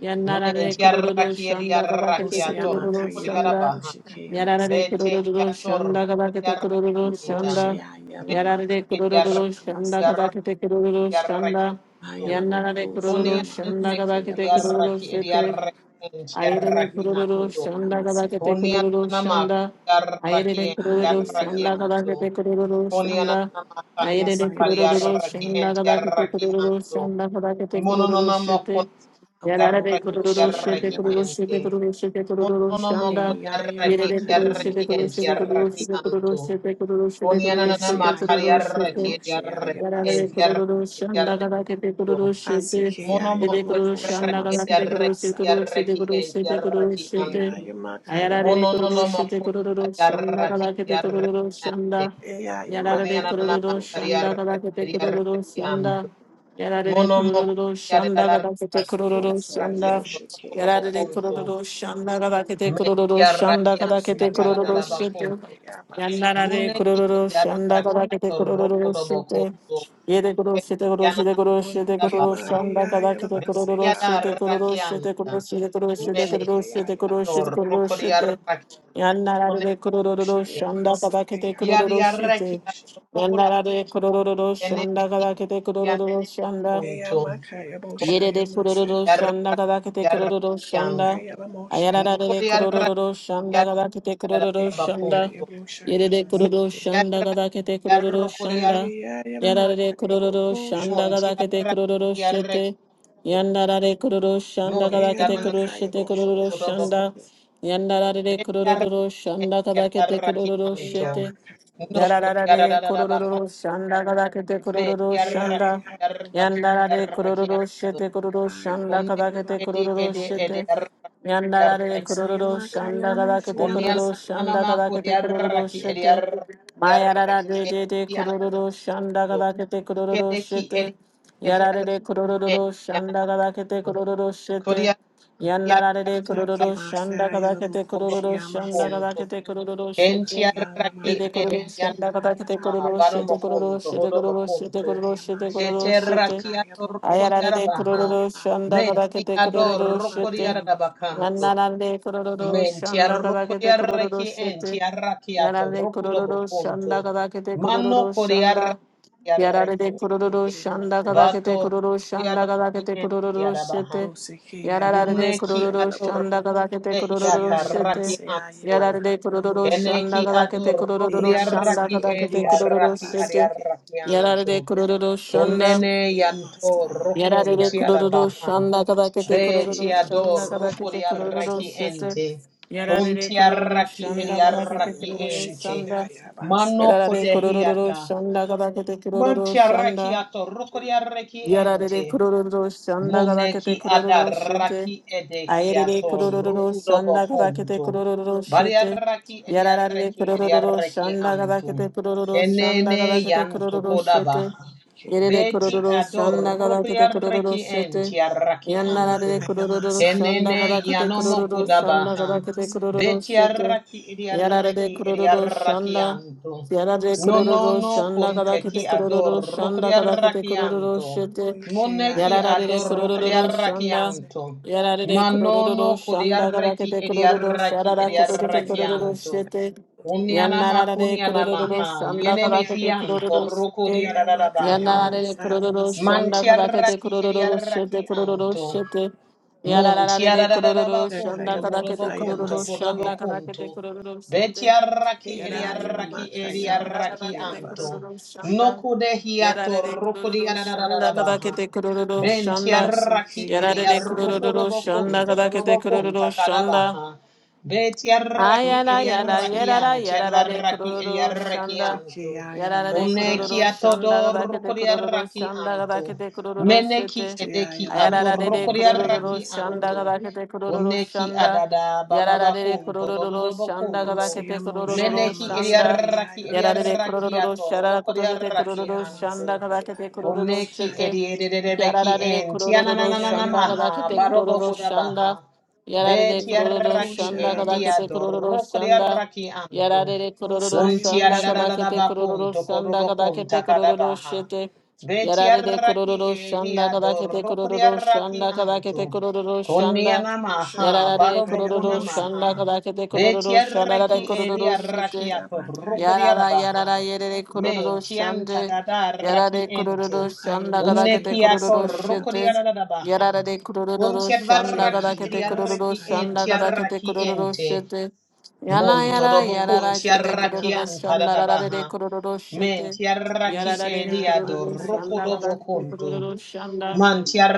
A: yandararede
C: Menti
A: kururu
C: yarraki
A: şanda
B: O
C: yarraki
A: galakete
C: yato
B: Sayama
A: kururu
C: rokun
B: Kaya
A: şanda
B: Boko
C: yarrabaha.
B: Shikemasa.
A: yararede
C: Bete
A: kururu
C: yato
A: şanda
C: rokun
A: galakete
C: yarraki
A: kururu
C: ente.
A: şanda
B: Mokoshe ayala
A: yararede
B: makata
C: Menti
B: moshe
A: kururu şanda
B: amase.
C: yarraki
A: galakete kururu
C: yarraki
A: şanda
C: anto.
B: Ayala
A: yandararede
B: mokoshe
A: kururu
B: yama
C: Koniana
A: şanda
C: meki
B: seke
A: galakete
B: yabasa.
A: kururu
C: yarraki
A: şete
C: yarraki enti
A: Ayrede
B: Oriki
C: yarraki
A: kururu
C: anto.
B: mokoshe
A: şanda
B: amase.
A: kadakete kururu
C: Koniana maku
A: şanda.
C: yarraki
A: Ayrede
C: enti
A: kururu
B: Aye
C: yarraki
B: ayala
A: şanda
B: mak.
C: anto.
A: kadakete kururu
C: Koniana
A: şanda.
C: makani
B: Esa
A: Ayrede
C: makari
B: yamoshe
A: kururu
C: yarraki
B: ke.
A: şanda
C: enti
A: kadakete
C: yarraki
A: kururu
C: anto.
A: şanda kadakete kururu
C: Mononono moku
A: şete.
B: Oko
A: Yararede
C: yarraki
A: kururu
B: mokoshe
A: şete
C: yarraki
A: kururu
B: yabase
C: enti.
A: şete
B: ke.
A: kururu şete kururu
C: Mononono
A: şanda.
B: E ayala
C: yarraki
A: Yerede
B: maka
A: kururu
B: yala
C: yarraki
A: shete kururu
C: enti
B: mokoshe
A: şete
B: ke
A: kururu
C: yarraki
A: şete
B: masa.
A: kururu
C: anto.
A: shete kururu şete kururu
C: Koniana
B: Ese
A: şete
C: makari
B: ayala
A: kururu
B: maka
A: shete
C: yarraki
B: yamoshe
C: yarraki
B: yabase
A: Yarare
C: enti
B: ke.
A: kururu shanda
C: yarraki
A: gada kete
C: anto.
A: kururu shete.
B: Aseke
C: Mono
B: ayala
A: Ede
C: moko
A: kururu
B: mokoshe
A: shanda
C: yarraki
A: gada
B: amase
A: kete
B: ke
A: kururu
C: yarraki
A: shete
B: basa.
A: kururu shete
C: yarraki
A: kururu
C: ent
A: shete kururu
C: yarraki
B: E
C: anto.
A: shete.
B: ayamaka
A: Ayarare
C: Mono no
A: kururu
C: no
B: yabokoshe ke.
A: shete
C: moko
A: kururu shanda
C: yarraki
A: gada kete
C: yarraki
A: kururu
C: ente.
A: shanda.
B: E
C: Kone
A: Yarare
B: ayamaka
C: anana
A: kururu
B: yabokoshe.
C: makari
A: shanda gada
C: yarraki
A: kete kururu
C: yarraki anto.
A: shanda. Yarare
C: Mono moko
A: kururu shanda gada kete
C: yarraki
A: kururu
B: Osa
C: yarraki
A: shanda.
C: anto.
B: yamoshe ke
C: Moko do
B: yabas.
A: Yarare
C: bokunto.
A: kururu shanda gada kete
C: Me
A: kururu
C: yarraki
A: shanda gada
B: Ose
C: anta
A: kete
B: ke
A: kururu
C: karadada
B: yamashe
A: shete.
C: bakunto.
B: ke yabas.
A: Yandarare
C: Mune ki
A: kururu shanda
C: yarraki
A: gada kete
C: ato roko
A: kururu
C: do
A: shete.
C: bokunto.
A: Yere kuru şete kuru şete
C: Yanana
A: kuru
B: Oye
A: şete
B: ke
A: kuru
B: ma
C: bana.
A: şanda kada kete kuru
B: yayalabase
A: kuru şete
B: abak.
C: Yarraki
A: kuru şete
C: anta.
A: kuru şete kuru şete
B: Oshe
C: Mene
A: kuru
B: ke
A: şete kuru
B: yamas
A: şete
C: ador
A: kuru
B: kayaba.
C: rokori
A: şete
C: arraki
A: yanlara de
C: onete
A: kuru kuru
B: Osha
A: şanda
B: yamase
A: kada
B: ke
A: kete kuru
C: yari
A: kuru
B: yabakaya
C: arraki
A: şete
B: moshe.
C: ador rokoda
A: yanlara de kuru kuru
C: ene
A: şanda
C: meki
A: kada kete kuru
C: yana
A: kuru şanda
C: punto
B: Eyamakaya
C: kon
B: bosha
A: Yere de
B: yamase.
A: kororo shanda kada kete
C: arraki
A: kororo
C: arraki an
A: shanda.
B: Okaya mosha
A: Ayarara de
C: nokori
B: yubasa.
C: arraki
A: kororo shanda kada kete
C: arraki
A: kororo shanda.
C: bakunto
B: Eyamakaya bosha
A: Yere de
C: me
B: yamase
A: kororo
B: ke.
A: shanda
C: arraki
A: kada kete kororo
C: arrokori ar
A: shanda. Yarara de
B: Ayayayamakaya
A: kororo
B: boko
A: shanda
B: shama.
C: monti
A: kada kete kororo
C: arraki arraki
A: shete. Yandara de kororo shanda kada
C: monti
A: kete
C: anana
A: kororo
B: Eyamakaya
A: shete
B: bosha
A: kororo
C: kodo
B: yamase
C: bako
A: shanda.
B: ke.
A: Yandara de
C: de
A: kororo
C: arraki
A: shanda kada kete
C: arraki
A: kororo
C: anto
A: shete. Yararare
C: no
A: kurururu shanda kadakete
C: Me
A: kurururu
C: yarraki
A: shanda.
B: Yamasa Kayelaboko,
C: yarraki
A: Yandarare
C: yarraki
A: kurururu
C: ando.
A: shete kururu shanda
C: Kunne
A: kadakete
C: edi
A: kurururu
C: edi edi
A: shete.
C: yarraki
A: Yandarare
C: yarraki
A: kurururu
C: ando.
A: shanda kadakete
C: Kunne
A: kururu
C: anana
A: shanda
C: mako
A: kadakete kurururu
C: yarraki edi
A: shete.
C: yarraki
A: Mayarara
C: yarraki
A: de de de
C: edi anana
A: kurururu shanda
C: ando.
A: kadakete kurururu
C: Kede ki edi
A: shete.
C: edi
A: Yararare
C: yarraki
A: kurururu
C: anana.
A: shanda kadakete kurururu
C: Kodi
A: shete.
C: yarraki yarraki
A: Yandarare kurururu shanda kadakete kurururu shanda
C: ando.
A: kadakete kurururu shete.
C: Kentiaraki
A: Yede kuruluşun
C: entiana
A: da kadar kete kuruluş, yede
C: baromokunto
A: kuruluş, yede kuruluş, yede
C: hodobokunto
A: kuruluş, yede kuruluş, yede.
C: keterrakiato
A: Ayarare de
C: rokodiarabaha
A: kuruluşun da kadar
C: menti
A: kete
C: ador
A: kuruluş, yede.
C: rokodiarabakanto
A: Yanlara de
C: menti
A: kuruluşun da kadar kete
C: arrokodiaraki
A: kuruluş, yede.
C: entiarrakiato
A: Yarare de kuruluşun
C: rokodobokunto
A: da kadar kete
C: mano
A: kuruluşun da. Yarare
C: kodiarrakiaraki
A: de
C: enti
A: kuruluşun da kadar
C: bato
A: kete kuruluşun da kadar
C: rokodiaraki
A: kete kuruluş,
C: entiarabaha
A: yede. Yararare
C: muneki
A: kururu
C: ador
A: shanda kadakete kururu
B: Shia
C: rokodehiatarraki
A: shete.
B: Yamasa
C: anto
B: Yabaka
A: Yararare kururu shanda
C: Eneki
B: Yalamoshe.
A: kadakete
C: adorro
A: kururu shanda
C: kriarraki
B: Eyamasaki
C: edi
A: kadakete
B: Mosha
A: kururu
C: arraki adi
A: shete.
B: Yabaseke.
C: arraki anto.
A: Yararare kururu
B: O
A: shanda.
B: Shike
C: Kunnene yanto
B: Yamasaya
C: rokun
A: Yararare
B: Isabok
C: tiara
A: kururu
C: baha.
A: shanda kadakete
C: Be
B: Shike
A: kururu
C: tiado
A: shanda
B: Yamasaya
C: roku
A: kadakete
B: Boko
A: kururu
B: Shamas.
A: shete.
C: ente. Kun
A: Yararare kururu
C: tiarraki edi
A: shanda kadakete
B: Eyamakaya
C: arraki
B: Bo
A: kururu
C: ente.
B: Shike
A: shanda.
C: Mano
B: Yabasaya
A: Yararare kururu
C: kodehiata.
A: shanda kadakete
C: Man
A: kururu
C: tiarraki
A: shanda.
C: ato roku di
A: Yarare
C: ente.
A: kururu shanda kabakete
C: Muneki
A: kururu shete.
C: adaraki
A: Ayerere
C: edehiato
B: Bushama
A: kururu
C: rukudo
A: shanda kabakete
C: bokuntu.
A: kururu shete.
C: Bariaraki
A: Yarare
C: ediareki
A: kururu
C: ediareki
A: shanda
C: antu.
A: kabakete kururu shanda
C: Kenene
A: kabakete
B: Bushamas
C: yantu
A: kururu shete.
C: kodabaha.
B: Yabasike
A: Yerere
C: Beti
B: Yamosha
A: kururu
B: Yama.
A: shanda kabakete kururu
C: adorukriareki
A: shete.
C: entiaraki antu.
A: Yanarare
B: Homakaya
A: kururu shanda
C: Kenene
B: Masaya
A: kabakete
C: yanomo
A: kururu
B: Yabasike
A: shanda
C: kodabaha.
A: kabakete
B: Boshamase.
A: kururu
C: Beti
A: shete.
C: araki
A: Yarade
C: ediareki
A: kururu
C: ediareki
A: shanda.
C: antu.
A: Yarade
C: No
B: Osaya
C: no
A: kururu
C: no
A: shanda
B: Bushike
C: kunteki
A: kadakete
B: Yamasa.
A: kururu shanda kadakete
C: adorukriareki
A: kururu
C: antu.
A: shete.
B: Oyike
C: Moneki
A: Yarade
C: ador
B: Yamasakaya
A: kururu shanda.
B: Boshamase.
C: kodiarrakianto.
A: Yarade
C: Manono
A: kururu shanda
C: kodiarraki
A: kadakete kururu
C: ediarraki
A: sarada kutute
B: Osike
A: kururu
C: ediarrakianto.
B: Yamashia.
A: shete.
C: Uniana
A: Yanarade
C: makuniana
A: kururu
C: maha.
A: shanda
C: Yene
A: kadakete
C: mehianto
A: kururu
C: roko
A: shete.
B: moshaya
C: diararabaha.
B: ba
A: Yanarade kururu shanda kadakete
C: Mantiarraki
A: kururu
C: ediarraki
A: shete kururu
C: anto.
A: shete.
C: Montia da
A: Yararare
C: da da
A: kururu
C: da
B: Shea
A: shanda
C: Montiarararabacunto,
A: kadakete
C: corobocunto,
A: kururu shanda kadakete
C: corobocunto.
A: kururu sinte.
C: Betiarraki,
A: Yararare
C: eriarraki,
A: kururu
B: Yalamakaya
A: shanda
C: eriarraki
A: kadakete
C: anto.
A: kururu shanda.
C: Noku de hiato
A: Yararare
C: ruku di
A: kururu
C: da da da
A: shanda
C: da Nocudehiato, rucudiarararabaha.
A: kadakete kururu shanda.
C: Bentiarraki,
A: Yararare kururu shanda
C: eriarrucurobocunto,
A: kadakete kururu
C: dorobocunta,
A: shanda.
C: carabaha. Betiarraki,
A: Ayada yada
C: eriarraki
A: yada da yada da de
C: antiarraki,
A: kururu
C: eriarraki
A: shanda.
C: anto.
A: Yada da de kururu
C: Unekiato,
A: shanda gabake de kururu
C: dorucudiarraki
A: shanda gabake
C: anto.
A: de kururu
C: Meneki
A: shete.
C: edeki
B: Moshaya
A: Ayada da de de kururu
C: atorokoriaraki
A: shanda
C: anto.
B: Maseke
A: gabake de kururu
C: Oneki
A: shanda.
C: adada
A: Yada da de de
C: bababakunto
A: kururu shanda
C: dododobokunto.
A: gabake de
B: Osea Moshaya
A: kururu
C: Meneki
B: Masa
A: shanda.
C: ediaraki
A: Yada de de
B: Yayalabase
C: ediaraki
A: kururu shara kutote de
C: atorokoriaraki
B: Moshia
A: kururu
C: anto.
A: shanda
B: Maseke
A: gabake de kururu
B: Yabasa
C: Oneki
A: shete. Yada
C: edierebeki
A: da de de
C: en
A: kururu
B: Kaya
A: shanda gabake
C: tianananamaha
A: de kururu
B: Yamase,
A: shanda.
C: barobohudabaha.
A: Yarare kororo
C: Betiaraki
A: shanda
C: edia
A: kadakete
B: Eyemokoshamase.
A: kororo shanda.
C: dorokriaraki anto.
A: Yarare kororo shanda kadakete
C: Untiarabakun
A: kororo shanda
C: tokodobokun
A: kadakete kororo
C: takadabaha.
A: shete. Yarare
C: Betiaraki
A: kororo shanda
C: edia
A: kadakete kororo
C: dorokriaraki
A: shanda kadakete
C: anto.
A: kororo shanda.
C: Konianamaha
A: Yarare kororo shanda
B: Osayemoshaikebakoshayamakayelamoseke.
C: barobokunamaha.
A: kadakete kororo shanda yarare
C: Betiaraki
A: kororo
C: edia
A: shete.
C: rakiato
A: Yarara
B: Osayemosheyabakayelamoseke.
A: yarara
C: rokriarabaha.
A: yerere kororo
C: Men tianta
A: shande.
C: da da raki
A: Yarare kororo
C: ente.
A: shanda
C: Kunne
A: kadakete
C: kiato
A: kororo
C: roko di
A: shete.
C: da
B: Ukayemoshayabasekeyabasa.
C: da baha.
A: Yarara de kurururu
C: Kuntia
A: shanda gada
C: varraki di
A: kete kurururu
C: arraki
A: shanda
C: enti
A: gada
B: Sheyayelabasakayamoseke.
A: kete
C: arraki
A: kurururu
C: ente.
A: shete. Yana
C: Monto
A: yara
C: dobo
A: yarara
C: kuntia
A: shete
C: raki
A: kurururu
B: Okayemoshekeyabasa.
C: anta da
A: shanda
C: da
A: rara de
C: baha.
A: kurururu
C: Men
A: shete.
C: ti tiarraki
A: Yarara de
C: e diado
A: kurururu
C: roko
A: shanda
C: dobo
A: gada kete
B: Oseyabakayelamoseke.
C: kuntu.
A: kurururu shanda.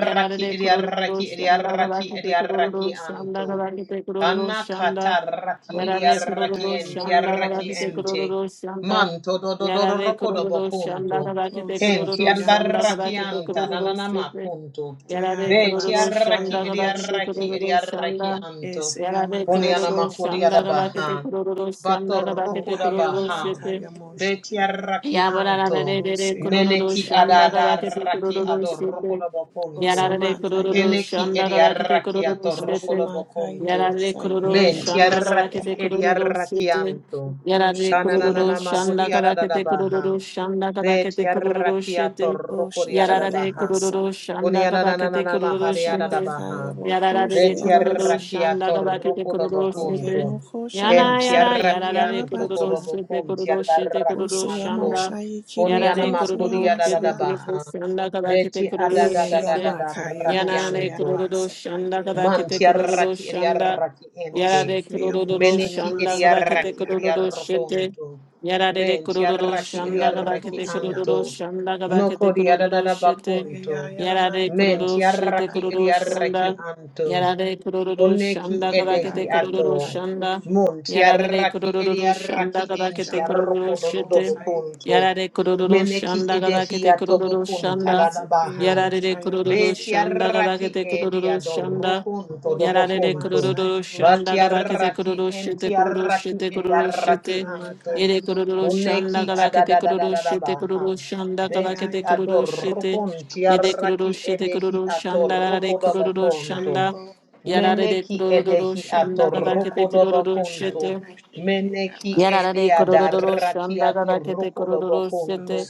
A: Yarara de kurururu
C: idiaraki
A: shanda gada
C: idiaraki
A: kete kurururu
C: idiaraki
A: shanda
C: anto.
A: gada kete kurururu
C: Anna
A: shanda.
C: kataraki
A: Yarara de
C: idiaraki
A: kurururu shanda gada
C: entiaraki
A: kete
B: Omasakayeyayelabase.
C: ente.
A: kurururu shanda.
C: Manto do do do
A: Yarara
C: do
A: de
C: roko do
A: kurururu shanda
C: bocunto.
A: gada kete kurururu shanda gada
C: Kentiaraki
A: kete
C: anta
B: Oshekeyamasayelamoko.
A: kurururu
C: nanana
A: shete.
C: macunto.
A: Yarade
C: Be
A: kururu shanda
C: tiaraki
A: gada kete
B: Sheyayabasakayelamoseke.
C: idiaraki
A: kururu
C: idiaraki
A: shanda.
C: anto.
B: Ese
A: Yarade
C: Poniana
B: yamakasha
A: kururu
C: macodia da
A: shanda
B: mokosha
A: gada kete
B: mase.
C: baha.
A: kururu
C: Bato
A: shanda gada
C: roko
A: kete
C: da
B: Okayela
A: kururu
C: baha.
A: shete.
B: makaya
C: Be
B: mosheke.
C: tiaraki anto.
A: Yabarararere
B: Oseo
A: kururu
C: Meneki
B: mosheke
A: şandaga bakete
B: yamase.
C: adadaraki
A: kururu sete.
C: adorokodobokuntu.
A: Yararare
B: Osamakaya
A: kururu
C: Keneki
B: boko.
A: şandaga bakete
C: ediaraki
A: kururu
B: O
A: sete.
B: Oshamakaya
C: atorokodobokuntu.
A: Yararare
B: bosaye
A: kururu
B: ayala
A: şandaga
B: masaya
C: Mentiaraki
A: bakete
B: ba.
A: kururu sete.
C: ediarakianto.
B: O
A: Yararare
B: Osheke
A: kururu
C: Kananana
B: yabasa.
C: mahudi
A: şandaga bakete
C: adadabaha.
A: kururu şandaga
C: Beti
A: bakete kururu
C: arrakiato
A: sete.
C: rokori
B: Osheke
A: Yararare
C: aradabaha.
B: yabasa.
A: kururu şandaga bakete
C: Unianananana
A: kururu
C: mahari
A: sete.
B: Oshamakaya
C: aradabaha.
B: boko
A: Yararare
C: Beti
A: kururu
B: sheyamase.
C: arrakiato
A: şandaga bakete kururu
B: Oye
C: rokodobokunto.
A: sete.
B: mokosha
A: Yana
C: Kenti
B: mase
A: yada yada de
B: ayela
C: arrakianto
A: kururu
B: baka.
A: shite
C: kodobokunti
A: kururu shite
B: O
A: kururu
B: Oseo
C: arrakianto.
A: shanda.
B: moshaye
A: Yada de
B: kiboko
C: Unianama kodi
A: kururu
B: sheyamase
A: shite
B: yaba.
C: aradabaha.
A: kururu shanda kada
C: Beti
A: kadakete kururu shete
C: adadadadadada
B: Eyamakaya
A: Yana
B: Moshe
A: de
C: rakianto.
A: kururu shanda
B: Yabasakaya
A: kada kadakete
C: Manti
B: Yalamase.
A: kururu
C: arraki edi
A: shanda.
C: arraki ente.
A: Yada de
B: Oshikaya
A: kururu
B: Moshe
C: Meneki
A: shanda
C: edi
A: kada kadakete
C: arraki
B: Yamasakaya
C: edi
A: kururu
B: Yalabas.
A: shite.
C: arrokonto.
A: Yada de
C: Menti
A: kururu
C: arraki edi
A: shanda
B: Oshiyamo
A: kada
C: arraki
A: kadakete
B: Koshe
C: anto.
A: kururu
B: Yamas.
A: shanda kada
C: Noko
A: kadakete
C: di
A: kururu
C: adadada
A: shete
C: bakunto.
B: Oyaya
A: yara re
B: Yalamakaya
C: Menti
A: kururu
B: Moshe
A: shete
C: arraki
B: Kaya
C: edi
A: kururu
B: Base.
C: arraki
A: shanda.
C: anto.
A: Yada de kururu
C: Koneki
A: shanda
C: edehi
A: kadakete
B: Oyaya
C: ato.
A: kururu
B: Yalamakaya
A: shanda.
B: Moshe.
C: Mun
A: Yarare
C: tiaraki
A: kururu shanda
C: ediaraki
A: gada
C: en
A: kete kururu
C: tiaroko
B: Oshamakaya
A: shete.
C: dododobo
B: Mosaya.
C: kuntu.
A: Yarare kururu
C: Meneki
A: shanda gada
C: edehi
A: kete
C: atobo
A: kururu
C: kun
A: shanda.
B: Esikaya
C: tadadabaha.
B: Moshe
A: Yarare
C: Be
A: kururu
B: Yamasike.
A: shanda gada
C: tiaraki
A: kete kururu shanda.
C: ediadoroko dobo
B: Oyeke
A: Yarare
C: kuntu.
A: kururu
B: Masaya
C: Ba
A: shanda gada kete
B: Boshamase.
C: tiaraki
A: kururu
C: en
A: shete kururu
C: tiaraki
A: shete kururu
C: ediaraki
A: shete.
C: anto.
A: Yere
B: Osamakaya
A: kururu shanda
C: Koneki
A: gada
B: Bokoshamase.
A: kete kururu shete
C: adadadadadabaha.
A: kururu shanda gada
C: Beti
B: Eya
A: kete kururu
B: Yalamakaya
A: shete.
C: adorokon
A: Yede kururu
C: tiaraki
A: shete
C: edehi
A: kururu shanda
C: atoroko
A: yarare
B: O
C: dobo
A: kururu
C: kuntu.
B: Samakaya
A: shanda.
B: Boshike,
A: Yarare de
C: Meneki
A: kurororo
C: edehi
A: shanda
B: Ea
A: gada kete kurororo
B: Yalamakaya
C: atorokodobokunto.
A: shete.
B: Moshike
C: Meneki
B: Yabasa,
C: edi
A: Yarare kurororo
C: adaraki
A: shanda gada kete kurororo
B: O
C: atorokodobokunto.
A: shete.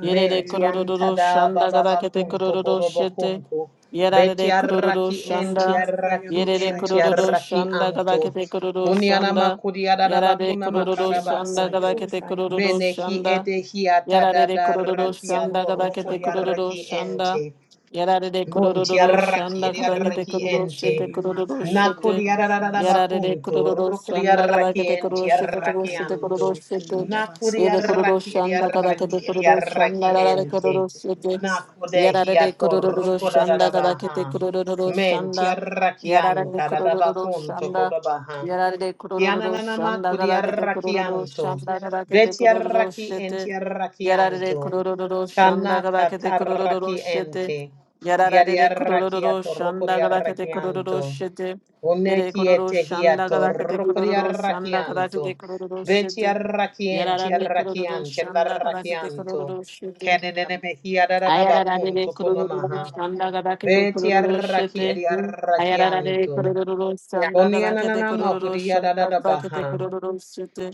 A: Yerere
C: Menti
A: kurororo
C: antada
A: shanda
B: Bokoshamas,
A: gada kete
C: bababakunto
A: kurororo shete.
C: kodobokunto. Beti
A: Yarare kurororo
C: arraki
B: O
C: enti
A: shanda.
B: Samakaya
C: arraki
A: Yerere
C: enti
B: Boshayamas,
A: kurororo
C: arraki
A: shanda gada
C: anto.
A: kete kurororo
C: Kuniana
A: shanda.
C: makudi
A: Yarare
C: adadabakuna
B: O
A: kurororo shanda
B: Shemasaya
A: gada
C: makadabakunto.
A: kete kurororo
B: Boshayamas,
C: Menehi
A: shanda.
C: edehi
A: Yarare
B: O
A: kururu
C: atadadaraki
A: shanda
B: Samoko
A: kadakete
C: atorokodi
B: Shayama,
A: kururu
C: arraki
A: shanda.
C: ente.
A: Yarare
C: Monti
A: kururu
C: arraki
A: shanda
C: edi
A: kadakete
C: arraki
A: kururu
C: ente.
A: shete
B: E
A: kururu
B: Makaya
A: shete.
C: Nakodi arararara
B: Bokoshamas,
A: Yarare
C: bakunto.
A: kururu
C: Rukodi
A: shanda
C: arraki
A: kadakete
C: enti
A: kururu
B: Ea
A: shete kururu
C: arraki
B: Makaya
A: shete kururu
C: anto.
B: Moshike
A: shete.
B: Yabasa,
C: Nakodi
A: Yede kururu
C: arraki edi
A: shanda
B: Ea
C: arraki
A: kadakete
C: edi
A: kururu
B: Makaya
C: arraki
A: shanda yarare
C: ente.
B: Mokoshayamas,
A: kururu shete.
B: Yabasa,
C: Nakode
A: Yarare
C: hiato
B: O
A: kururu
C: rukoda
B: Shamakaya
A: shanda
C: dadabaha.
A: kadakete
B: Boshike,
A: kururu
C: Menti
A: shanda.
C: arraki
A: Yarare
B: O
C: anta
B: Shayama.
A: kururu
C: dadabakunto
B: Boshike,
A: shanda.
C: kodabaha.
A: Yarare
B: O
A: kururu
C: Kiananana
B: Shama.
A: shanda
C: makodi
A: kadakete
C: arraki
A: kururu
C: anto.
A: shanda kadakete
C: Beti
A: kururu
C: arraki
A: shete.
C: enti arraki
A: Yarare
C: anto.
A: kororo
C: Kana
A: shanda galakete kororo
C: kataraki
A: shete.
C: enti. Yari
A: Yarare kororo
C: arrakiato roko
A: shanda
C: di
A: galakete kororo
C: arrakianto.
A: shete.
C: Une
A: Yere kororo
C: kiete
A: shanda
C: hiato
A: galakete
C: roko di
A: kororo shanda galakete
C: arrakianto.
A: kororo
C: Veci
A: shete.
C: arrakienti
A: Yarare kororo
C: arrakianti
A: shanda galakete
C: arrakianto.
A: kororo shete.
C: Kenenene mehia da da da
A: Ayararare
C: bacunto
A: kurururu
C: conamaha.
A: shanda gabake te
C: Veci
A: kurururu
C: arraki
A: shete.
C: edi
A: Ayararare
C: arrakianto.
A: kurururu shanda gabake te
C: Onianana
A: kurururu
C: mahuria
A: shete.
C: da da da
A: gabake te
C: baha.
A: kurururu shete.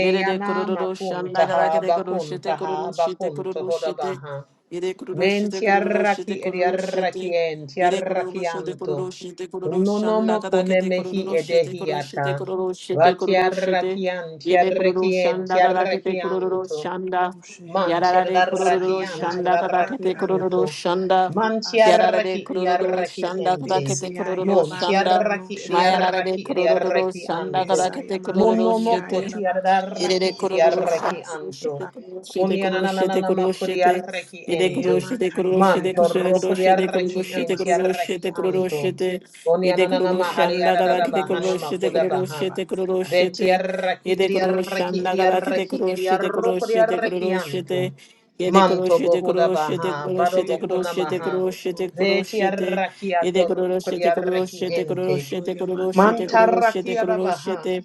A: Yerere kurururu shanda gabake
C: makuntaha
A: te kururu shete kururu
C: bakuntaha
A: shete
C: bakunto
A: kururu shete.
C: hodabaha.
A: Yere kururu shete
C: Menti
A: kururu
C: arraki
A: shete
C: edi
A: kururu shete.
C: arrakienti
A: Yere kururu shete
C: arrakianto.
A: kururu shete kururu shanda
C: Unonomo
A: gabake
C: kune
A: te
C: mehi
A: kururu shete kururu
C: edehiata.
A: shete kururu shete
C: Vati
A: kururu shete.
C: arrakianti
A: Yere kururu shanda
C: arrakienti
A: gabake te kururu
C: arrakianto.
A: shanda.
C: Man
B: Moshiaya
A: Yarare
C: tiadaraki
A: kururu
C: da
B: Masaya
A: shanda kata
C: tiadaraki
A: kete
B: Labakaya
A: kururu
C: anto.
A: shanda.
B: Moshiaya
C: Man
B: Basi.
A: Kiarare
C: tiaraki
A: kururu
C: riaraki
A: shanda kata
C: ente.
A: kete
B: Isiaya
A: kururu
C: Mon
A: shanda.
B: Labakaya
C: tiaraki
B: Moshaya Mas.
A: Mayarare
C: riaraki
A: kururu
C: riaraki
A: shanda kata
C: anto.
B: Isaya
A: kete kururu
B: Makaya
C: Monomoko
A: shete.
B: Yalabak
A: Irere
C: tiadaraki
B: Yalamokosha
A: kororosha,
C: riaraki
B: Mas.
C: anto.
A: koroshete, koroshete, koroshete,
C: Konianananana mako
A: koroshete.
C: riaraki
A: Ire
C: ente.
A: koroshete,
B: Eyamakaya
C: Man
A: koroshete,
C: torroko
B: Yalabasaya
A: koroshete,
C: riaraki
B: Boshia
A: koroshete,
C: ente
B: Masi.
C: riaraki
A: koroshete, koroshete,
C: anto.
A: koroshete. Ire
C: Koniananana mahari
A: koroshanda
B: Eyamakaya
C: adadaba
A: galakite,
C: bahana
A: koroshete,
C: makoda
B: Lamoshakaya
C: baha.
A: koroshete,
B: Yabasakaya.
A: koroshete.
C: Betiarraki
A: Ire
C: idiarraki
A: koroshanda
B: Osi
A: galakite,
C: idiarraki
A: koroshete,
C: idiarroko
A: koroshete,
C: diarraki
B: Eyamasabaka.
C: anto.
A: koroshete. Ire
C: Manto
A: koroshete,
C: bohuda
A: koroshete,
C: baha, baro
A: koroshete,
C: bokuna
A: koroshete,
B: Eyamakaya
C: maha.
A: koroshete,
B: Bokoshia Mas.
A: koroshete.
C: Betiarraki
A: Ire
C: atorroko
A: koroshete,
C: diarraki
A: koroshete,
C: ente.
A: koroshete, koroshete, koroshete,
B: Oyamakaya
C: Mantarraki
A: koroshete,
B: Lamokoshik.
C: adabaha.
A: koroshete.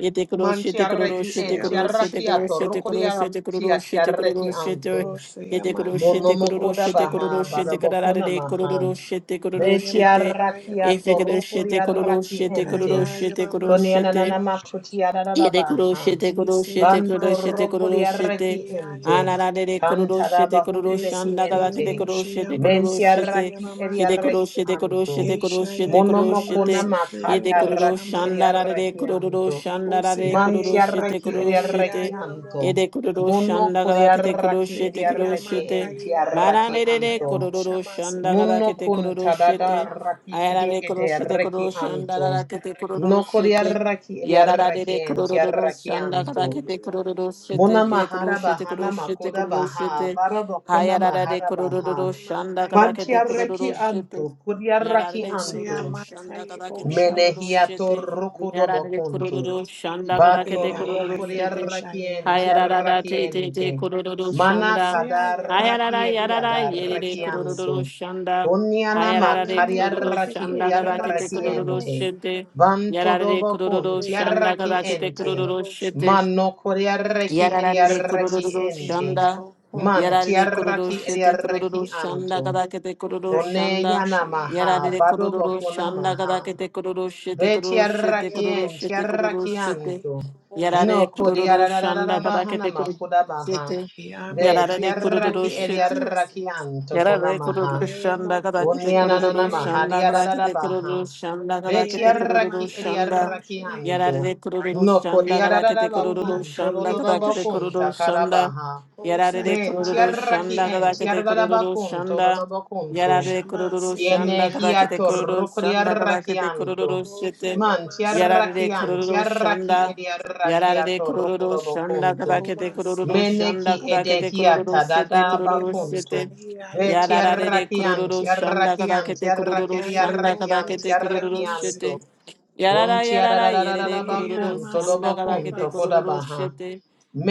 A: Yete kuro shete kuro
C: Mantiarraki
A: shete kuro
C: entiarraki
A: shete kuro shete
C: atorroko
B: Isiamashakaya
A: kuro shete
C: diarraki
A: kuro shete
C: atiarraki
A: kuro
C: anto.
A: shete yete kuro shete
B: Oshiyamakaye
C: Monomoko
A: kuro shete kuro
C: dabaha, baro
A: shete
B: boshiyamasi.
A: karara
C: bokuna
A: de kuro
C: maha.
A: shete kuro
C: Beti
A: shete
B: Oyamakaye
C: arraki
A: efe
B: boko.
A: kuro
C: atoroko di
A: shete kuro
C: arraki
A: shete
C: ente.
A: kuro shete kuro
C: kuni
A: shete
B: Hayayamakaye
C: ananana
B: moshiki.
C: makuti
A: Yede kuro
C: ararabaha.
A: shete kuro shete kuro
C: Banto
A: shete
B: Isiyamakaye
C: roko di
A: kuro
C: arraki
A: shete.
C: ente.
A: Anara de
B: moshayayamasi.
A: de kuro shete
C: Kantaraba hude
A: kuro
C: behi
A: shanda gala
B: Isikiye
C: ente.
A: kete kuro shete kuro
C: Menti
A: shete.
C: arraki eri
A: Yede
B: moshiyamasakiyalamaka.
A: kuro
C: arraki
A: shete kuro
C: anto.
A: shete kuro shete kuro
C: Monomoko
A: shete.
B: Ishayayamasikiye
A: Yede
C: namakata
A: kuro
C: arraki eri
A: shanda ra de
B: boshamasiki.
A: de
C: arraki
A: kuro
C: anto.
A: shanda ra de kuro
C: Manti
A: shete
C: arraki eri
A: kuro
B: Osiyayabakaye
C: arraki
A: shete.
C: anto.
B: yayalamoko
A: Yede kuro
B: shama.
A: shanda
C: Monoko di
A: gala kete kuro
C: arraki eri
A: shete kuro
C: arraki
A: shete.
B: Sikiyamakaye
C: ente
A: Mara
C: arraki
A: de de de
B: yayalabasaye
C: anto.
A: kuro shanda
B: boshamasiki.
A: gala
C: Munno
A: kete
C: kun
A: kuro
C: tadada
A: shete.
C: raki
A: Ayara
C: edi
A: de kuro
C: ede
A: shete
C: reki
A: kuro shanda
C: anto.
A: ra kete kuro
C: No
A: shete.
C: kodiaraki
A: Yarada de
C: ediaraki
A: de kurururu
C: entiaraki
A: shanda
C: anto.
A: karakete kurururu shete
C: Muna
A: kide kuru
C: mahara
A: shete
C: bahana
A: kuru shete
C: makoda
A: kuru
C: baha.
A: shete.
C: Baraba kuna
A: Hayarara de
C: mahara baha.
A: kurururu shanda karakete
C: Mantiaraki
A: kurururu shete.
C: anto. Kodiaraki
A: Yarare
C: anto.
A: kururu shanda kada kete kururu
C: Menehiato
A: shete.
C: rokodo
A: Yarare
C: bokuntu,
A: kururu shanda kada
C: Bato
A: kete kururu
C: rokodi
A: shete.
C: arrakienti
A: Hayarara te te te
C: arrakiente.
A: kururu
C: Mana
A: shanda.
C: kada
A: Hayarara
C: rakiedi
A: yarara
C: unyana
A: yerere kururu
C: rakianto.
B: Oshama
A: shanda. Hayarara de
C: makari
A: kururu shanda
C: arrakiedi
A: kada kete kururu
C: arrakiente.
A: shete.
C: Banto do
A: Yarare kururu
C: bokunti
A: shanda kada kete
C: arrakiente.
A: kururu shete.
C: Mano kori arrakiedi
A: Yarare kururu
C: arrakiente.
A: shanda.
C: Manti
A: Yarare kururu
C: arrakiedi
A: shete kururu shanda
C: arrakianto.
A: kadakete kururu
C: One
A: shanda.
C: yana maha,
A: Yarare
C: bado
A: kururu
C: bokuna
A: shanda
C: maha.
A: kadakete kururu
C: Beti
A: shete
C: Ve
A: kururu shete
B: Ukayela
A: kururu
C: tiarrakien,
B: moshe
A: shete kururu shete.
B: yamasai
C: tiarrakianto. No
A: Yarare
B: pokosheke.
C: kodi
A: kururu shanda
C: kodiarararabahana
A: kadakete kururu
C: makudabaha.
A: shete.
C: Ve
B: Yama
A: Yarare
B: kayela
A: kururu
C: tiarraki
B: moshe
A: shete.
B: yamase.
C: eliarrakianto
A: Yarare
C: konamaha.
A: kururu
B: Eye
A: shanda kada
B: moku
A: kete
C: Unyanana
A: kururu
B: shiaye
A: shanda kada
B: yabas.
C: mahadiarada
A: kete kururu
C: baha.
A: shanda kada kete
B: Eye yela
A: kururu
C: Betiaraki
B: makayela
A: shanda.
C: ediaraki
B: moshe keba.
C: anto.
A: Yarare kururu
C: No
A: shanda kada
C: kodiarada
A: kete
B: O
A: kururu
C: bakun,
A: shanda
B: makaye
C: todododa
A: kada kete
C: bakun
A: kururu
B: bosheke.
A: shanda.
C: takarabaha.
B: O
A: Yarare
C: Men
B: sayaba
A: kururu
C: tiaraki
A: shanda
B: yabosha
C: en
A: kada kete
B: yamasu.
C: tiarada
A: kururu
C: bakun, tododa
A: shanda.
C: bakunto.
A: Yarare
B: Shama
A: kururu
B: seke
C: Yene
A: shanda kada kete
C: hiato
B: yabas.
A: kururu shanda kada
C: rukodiaraki
A: kete kururu
C: anto.
B: O
A: shete.
C: Man
B: shayamase
C: tiaraki
A: Yarare
B: yaya.
C: an
A: kururu
C: tiaraki
A: shanda.
C: ediaraki
A: Yarare
C: ato
A: kururu shanda
C: rukodobokunto.
A: kada
B: O
A: kete kururu
B: maseke.
A: shanda
C: Meneki
A: kada kete kururu
C: edehiata
A: shete
C: dada
B: O
A: kururu
C: bakunto.
B: yemoksa
A: shete.
C: Ve
B: yaya
C: ti
B: labasa.
A: Yararare kururu
C: arrachianti,
A: shanda
C: arrachianti,
A: kadakete kururu
C: arrachedi,
B: Aye
A: shanda
B: moku
C: arrachianti,
A: kadakete kururu
B: shiamase.
C: arrachianto.
A: shete. Yarara yarara yerere
B: Oye
C: Buntiararararabakun
A: kururu shanda
C: todobokun
B: amaseke
A: kadakete
B: basa,
A: kururu
C: tokodabaha.
A: shete.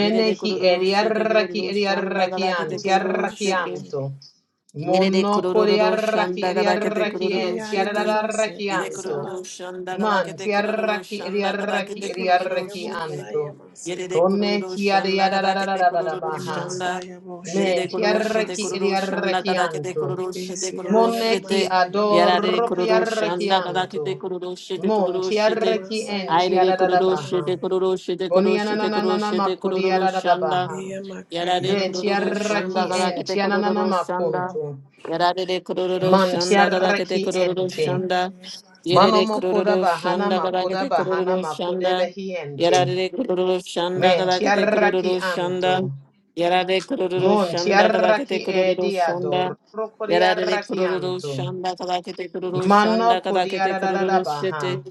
A: Yerere kururu shete
C: eriarraki
A: kururu shanda
C: eriarrakian
A: kadakete kururu shete.
B: oshamaseke,
C: tiarrakianto.
A: Yere de
C: Mono
A: kurururu
C: coriarraki
A: şanda kada kete
B: oye ke
A: kurururu
C: eriarrakien
A: şete.
B: ayalamase
A: Yere
C: tiarararrakianto.
A: kurururu
B: asabase,
A: şanda kada
C: Man
A: kete kurururu
C: tiarraki
A: şanda kada
C: eriarraki
A: kete
B: osheke
A: kurururu şete.
C: eriarrakianto.
B: yamosaya
A: Yere
B: maseke,
A: de
C: Kone
A: kurururu şanda kada kete kurururu
C: chiariararararabaha.
A: şanda.
B: yemasaya
A: Yere
C: Men
A: de
B: bosheke
A: kururu şete
C: tiarraki
B: yamasa,
A: kururu şanda kada kete
C: eriarrakianto.
A: kururu şete
B: esi
A: kururu
C: Moneki
A: şete.
B: ayalamaka
A: Yere
B: yamoshe
A: de
C: adoro
A: kururu şanda
B: yayabaseke,
A: kada kete
C: chiarrechianto.
A: kururu şete
C: Mon
A: kururu şete.
C: chiarrechi
B: omasaya
C: enti
A: Ayrı de kururu
B: boshaya
C: adadabaha.
A: şete
B: mase,
A: kururu şete kururu şete kururu
C: Oniananana
A: şete
C: makudi
A: kururu şanda.
C: adadabaha.
B: eyamaka
A: Yarare
C: Ve
A: kururu
B: yalamoko
A: shanda
C: chiarrechi
B: shamaseke,
A: galakete
C: enti ananana
A: kururu shanda.
C: makuntu.
A: Yarare kururu
C: Man
B: eyamasa
A: shanda galakete
C: chiarrechi
B: yabaseke
A: kururu
C: ente.
B: yamoshe
A: shanda.
B: yabasa,
C: Mano
A: Yerere
C: mokoda
A: kururu
C: bahana
A: shanda
C: makoda
A: galakete
C: bahana
A: kururu
C: makude
A: shanda.
C: ente,
A: Yarare kururu shanda
C: Men
B: yamaka
A: galakete kururu
C: chiarrechi
A: shanda.
C: anto.
A: Yarare kururu
C: Mon
A: shanda galakete
C: chiarrechi
B: yamaka
A: kururu
C: edi
A: shanda.
C: adoro
A: Yarare kururu
C: anto,
A: shanda galakete kururu
C: Mano
A: shanda
C: kodi
B: yamaka
A: galakete kururu
C: adadabaha.
A: shete.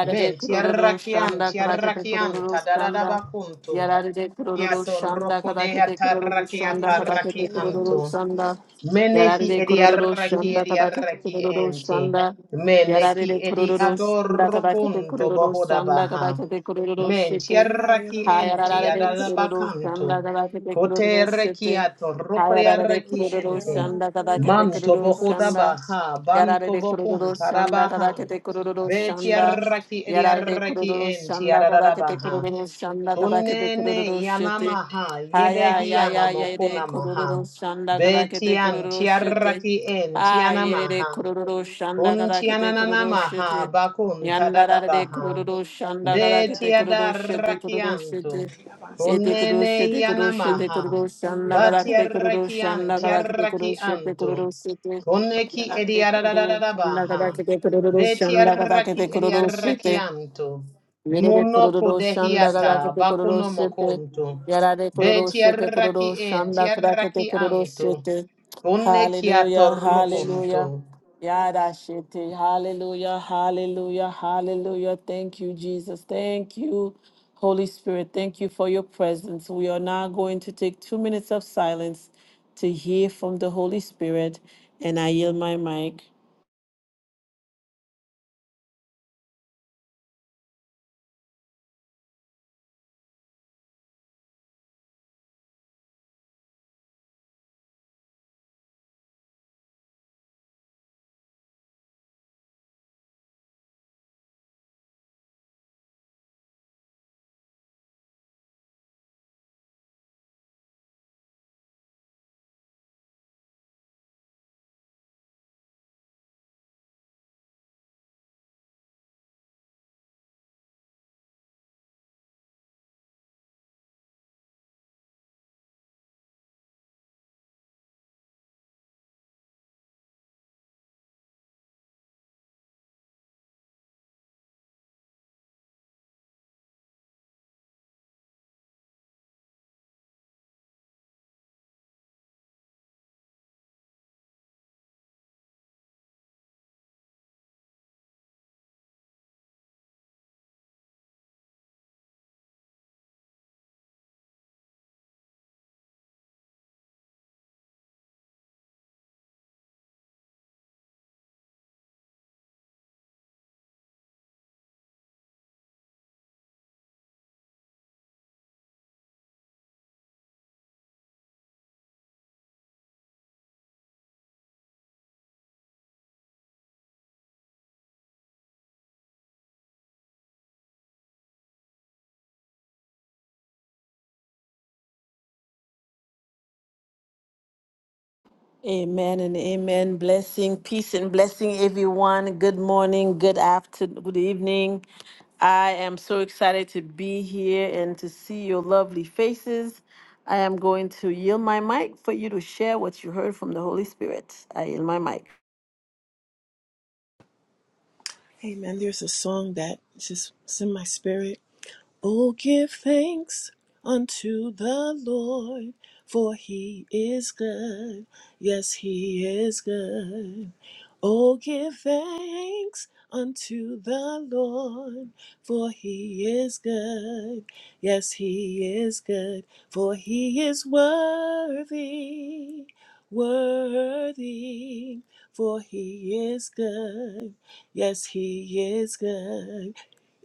C: Men
A: kururu
C: tiarrakian
A: shanda
B: yamaka
A: galakete
C: tiarrakian
A: kururu shanda.
C: tadadadabakuntu.
A: Yararide kururu
C: Kiato
A: şanda
C: roko
A: kada
C: de
A: kete kururu
C: atarraki
B: Oye,
A: şanda kada
C: atarraki
A: kete
B: Makaya
C: anto.
A: kururu
B: Lamosa,
A: shanda
B: Yabas,
C: Menehi
A: Yararide
C: edi
A: kururu
C: arraki
A: şanda
C: edi
A: kada kete
C: arraki
A: kururu
C: enti.
A: shanda
B: Yabas,
C: Meneki
A: Yararide
C: edi
A: kururu şanda
B: Moshe.
A: kada kete
C: adorrokunto
A: kururu
C: bohoda
A: şanda
C: baha.
A: kada kete kururu
C: Menti
A: shite
B: Ea
C: arraki enti
B: Yalamakaya
A: Hayararide
B: Moshe,
A: kururu
C: adalabakanto.
B: Yabas.
A: şanda kada kete
C: Kote
A: kururu
C: reki
A: şete.
C: atorrokri
A: Hayararide
C: arraki
B: Rusha
A: kururu
C: enti.
A: şanda kada
B: Yalamakaya
A: kete
B: Moshe,
C: Manto
A: kururu
C: bohoda
B: Yabas.
A: şanda.
C: baha. Banto
A: Yararide kururu
C: bokunta da
A: şanda
C: baha.
A: kada kete kururu
C: Beti
B: Ocha
A: shanda
C: arraki
B: Makaya
C: edi
B: Moshe,
A: Yarade
C: arraki
A: kururu
C: enti
A: shanda kadake te
C: adadabaha.
A: kururu shanda kadake te
C: Kunene
A: kururu shete.
C: yanamaha
A: Haya
C: yedehi
A: ya ya
B: Yamakaya
A: ya
C: yanamokuna
A: de
B: Moshe.
C: maha.
A: kururu shanda kadake te
C: Betian
A: kururu shete.
C: tiaraki en
A: Aye de
C: tianamaha.
A: kururu shanda
B: Isaya
A: kadake te
C: Untianana
A: kururu
B: Yalamakaya Moshe,
C: maha
A: shete.
C: bakunta
A: Yandara de
C: dadabaha.
A: kururu shanda kadake
B: Ea
A: te
C: Betia
A: kururu
B: Yalamakaya
A: shete kururu
C: darrakianto.
A: shete.
B: yabasta.
A: Ete kururu
C: Unene
A: shete kururu shete
C: yanamaha.
A: kururu
B: Oye,
A: shanda kadake
C: Batia
A: te kururu
B: Yalamakaya
A: shanda
C: rakiantia
A: kadake te kururu shete
C: rakianto.
A: kururu shete.
C: Uneki
A: Yarade kururu shanda
C: ediadadadabaha.
A: kadake te
B: Moshe,
A: kururu
B: Masi.
C: Betia
A: shanda kadake te
C: raki
A: kururu shete.
C: ediarakianto.
A: Yerere
C: Monoko
A: kororo shanda
B: Osa
C: dehiata
A: gadakete kororo
C: bakuno
B: Yalamakaya
A: shete.
B: Moshe,
C: mokunto.
B: Yamasi.
A: Yarare kororo
C: Betia
A: shete kororo
C: raki
A: shanda
C: entia
A: gadakete kororo
C: rakianto.
A: shete.
C: Uneki
A: Hallelujah, hallelujah.
C: atorrokunto.
A: Yada shete. Hallelujah, hallelujah, hallelujah. Thank you, Jesus. Thank you, Holy Spirit. Thank you for your presence. We are now going to take two minutes of silence to hear from the Holy Spirit. And I yield my mic. Amen and amen. Blessing, peace and blessing, everyone. Good morning, good afternoon, good evening. I am so excited to be here and to see your lovely faces. I am going to yield my mic for you to share what you heard from the Holy Spirit. I yield my mic.
B: Hey man, there's a song that just it's in my spirit. Oh, give thanks unto the Lord, for he is good. Yes, he is good. Oh, give thanks unto the Lord, for he is good. Yes, he is good, for he is worthy, worthy, for he is good. Yes, he is good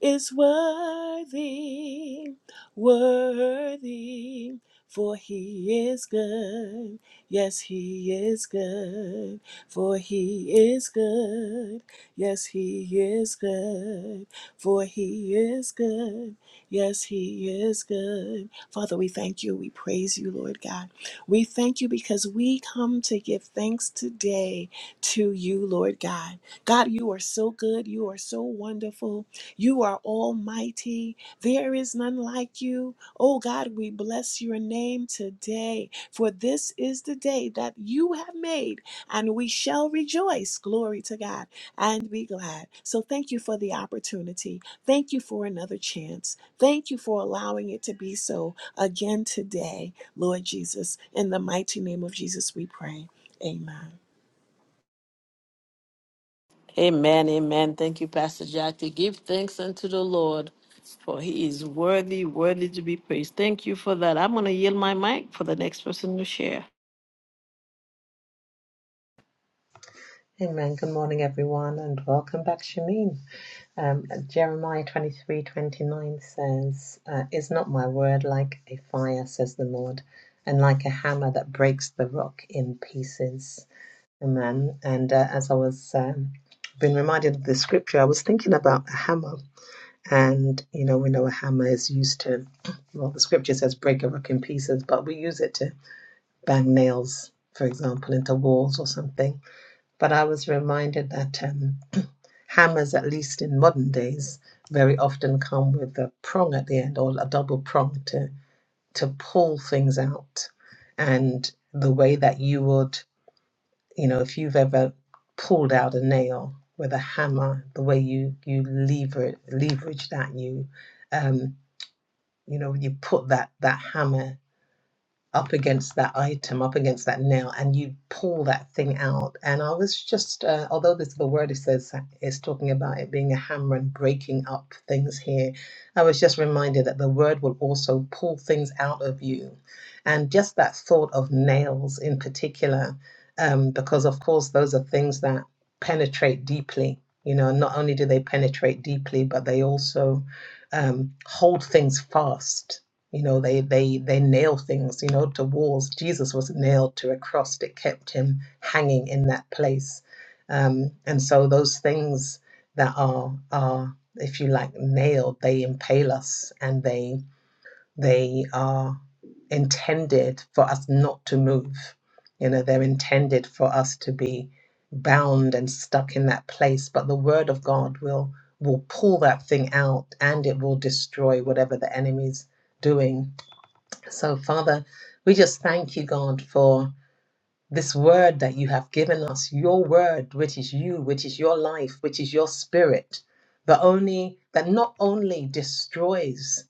B: is worthy, worthy, for he is good. Yes, he is good, for he is good. Yes, he is good, for he is good. Yes, he is good. Father, we thank you. We praise you, Lord God. We thank you because we come to give thanks today to you, Lord God. God, you are so good. You are so wonderful. You are almighty. There is none like you. Oh God, we bless your name today, for this is the day that you have made, and we shall rejoice. Glory to God and be glad. So thank you for the opportunity. Thank you for another chance. Thank you for allowing it to be so again today, Lord Jesus. In the mighty name of Jesus, we pray. Amen.
A: Amen, amen. Thank you, Pastor Jackie. Give thanks unto the Lord, for he is worthy, worthy to be praised. Thank you for that. I'm going to yield my mic for the next person to share.
C: Amen. Good morning, everyone, and welcome back, Shamin. Um, Jeremiah twenty three twenty nine says, uh, Is not my word like a fire, says the Lord, and like a hammer that breaks the rock in pieces? Amen. And uh, as I was um, being reminded of the scripture, I was thinking about a hammer. And, you know, we know a hammer is used to, well, the scripture says break a rock in pieces, but we use it to bang nails, for example, into walls or something. But I was reminded that um, hammers, at least in modern days, very often come with a prong at the end or a double prong to to pull things out. And the way that you would, you know, if you've ever pulled out a nail with a hammer, the way you you lever leverage that you, um, you know, you put that that hammer up against that item, up against that nail, and you pull that thing out. And I was just, uh, although this the word it says is talking about it being a hammer and breaking up things here, I was just reminded that the word will also pull things out of you, and just that thought of nails in particular, um, because of course those are things that penetrate deeply. You know, not only do they penetrate deeply, but they also um, hold things fast you know, they they they nail things, you know, to walls. Jesus was nailed to a cross that kept him hanging in that place. Um, and so those things that are are, if you like, nailed, they impale us and they they are intended for us not to move. You know, they're intended for us to be bound and stuck in that place. But the word of God will will pull that thing out and it will destroy whatever the enemy's doing so, Father, we just thank you, God, for this word that you have given us, your word, which is you, which is your life, which is your spirit, that only that not only destroys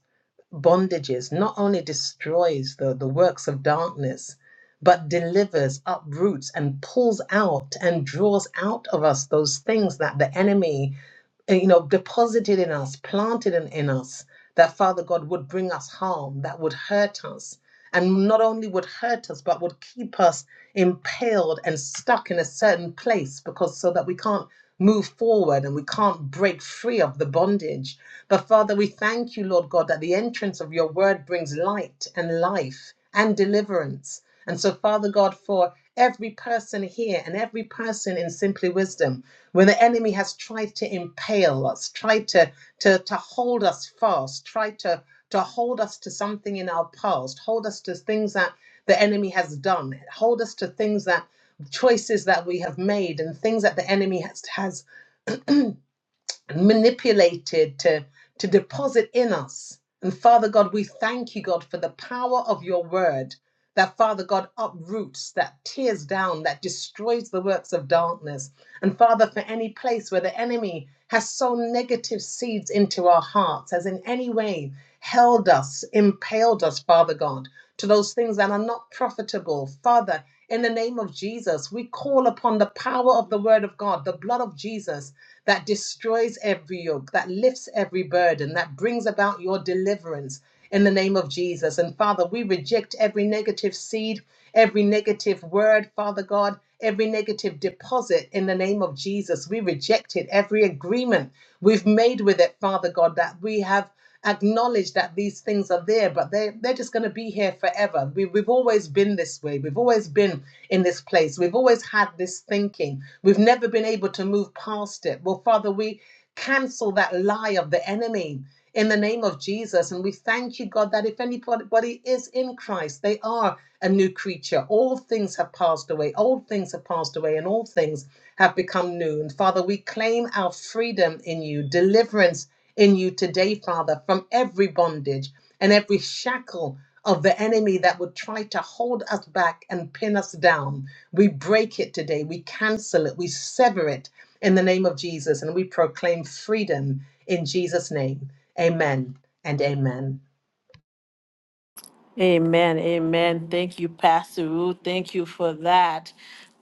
C: bondages, not only destroys the, the works of darkness, but delivers, uproots, and pulls out and draws out of us those things that the enemy, eh, you know, deposited in us, planted in, in us, that Father God would bring us harm, that would hurt us. And not only would hurt us, but would keep us impaled and stuck in a certain place because so that we can't move forward and we can't break free of the bondage. But Father, we thank you, Lord God, that the entrance of your word brings light and life and deliverance. And so, Father God, for every person here and every person in Simply Wisdom, when the enemy has tried to impale us, tried to, to, to hold us fast, tried to, to hold us to something in our past, hold us to things that the enemy has done, hold us to things that choices that we have made and things that the enemy has, has manipulated to, to deposit in us. And Father God, we thank you, God, for the power of your word that, Father God, uproots, that tears down, that destroys the works of darkness. And Father, for any place where the enemy has sown negative seeds into our hearts, has in any way held us, impaled us, Father God to those things that are not profitable. Father, in the name of Jesus, we call upon the power of the word of God, the blood of Jesus that destroys every yoke, that lifts every burden, that brings about your deliverance in the name of Jesus. And Father, we reject every negative seed, every negative word, Father God, every negative deposit in the name of Jesus. We reject it, every agreement we've made with it, Father God, that we have acknowledge that these things are there, but they, they're just going to be here forever. We, we've always been this way. We've always been in this place. We've always had this thinking. We've never been able to move past it. Well, Father, we cancel that lie of the enemy in the name of Jesus. And we thank you, God, that if anybody is in Christ, they are a new creature. All things have passed away. Old things have passed away, and all things have become new. And Father, we claim our freedom in you, deliverance in you today, Father, from every bondage and every shackle of the enemy that would try to hold us back and pin us down. We break it today. We cancel it. We sever it in the name of Jesus and we proclaim freedom in Jesus' name. Amen and amen.
A: Amen. Amen. Thank you, Pastor Ruth. Thank you for that.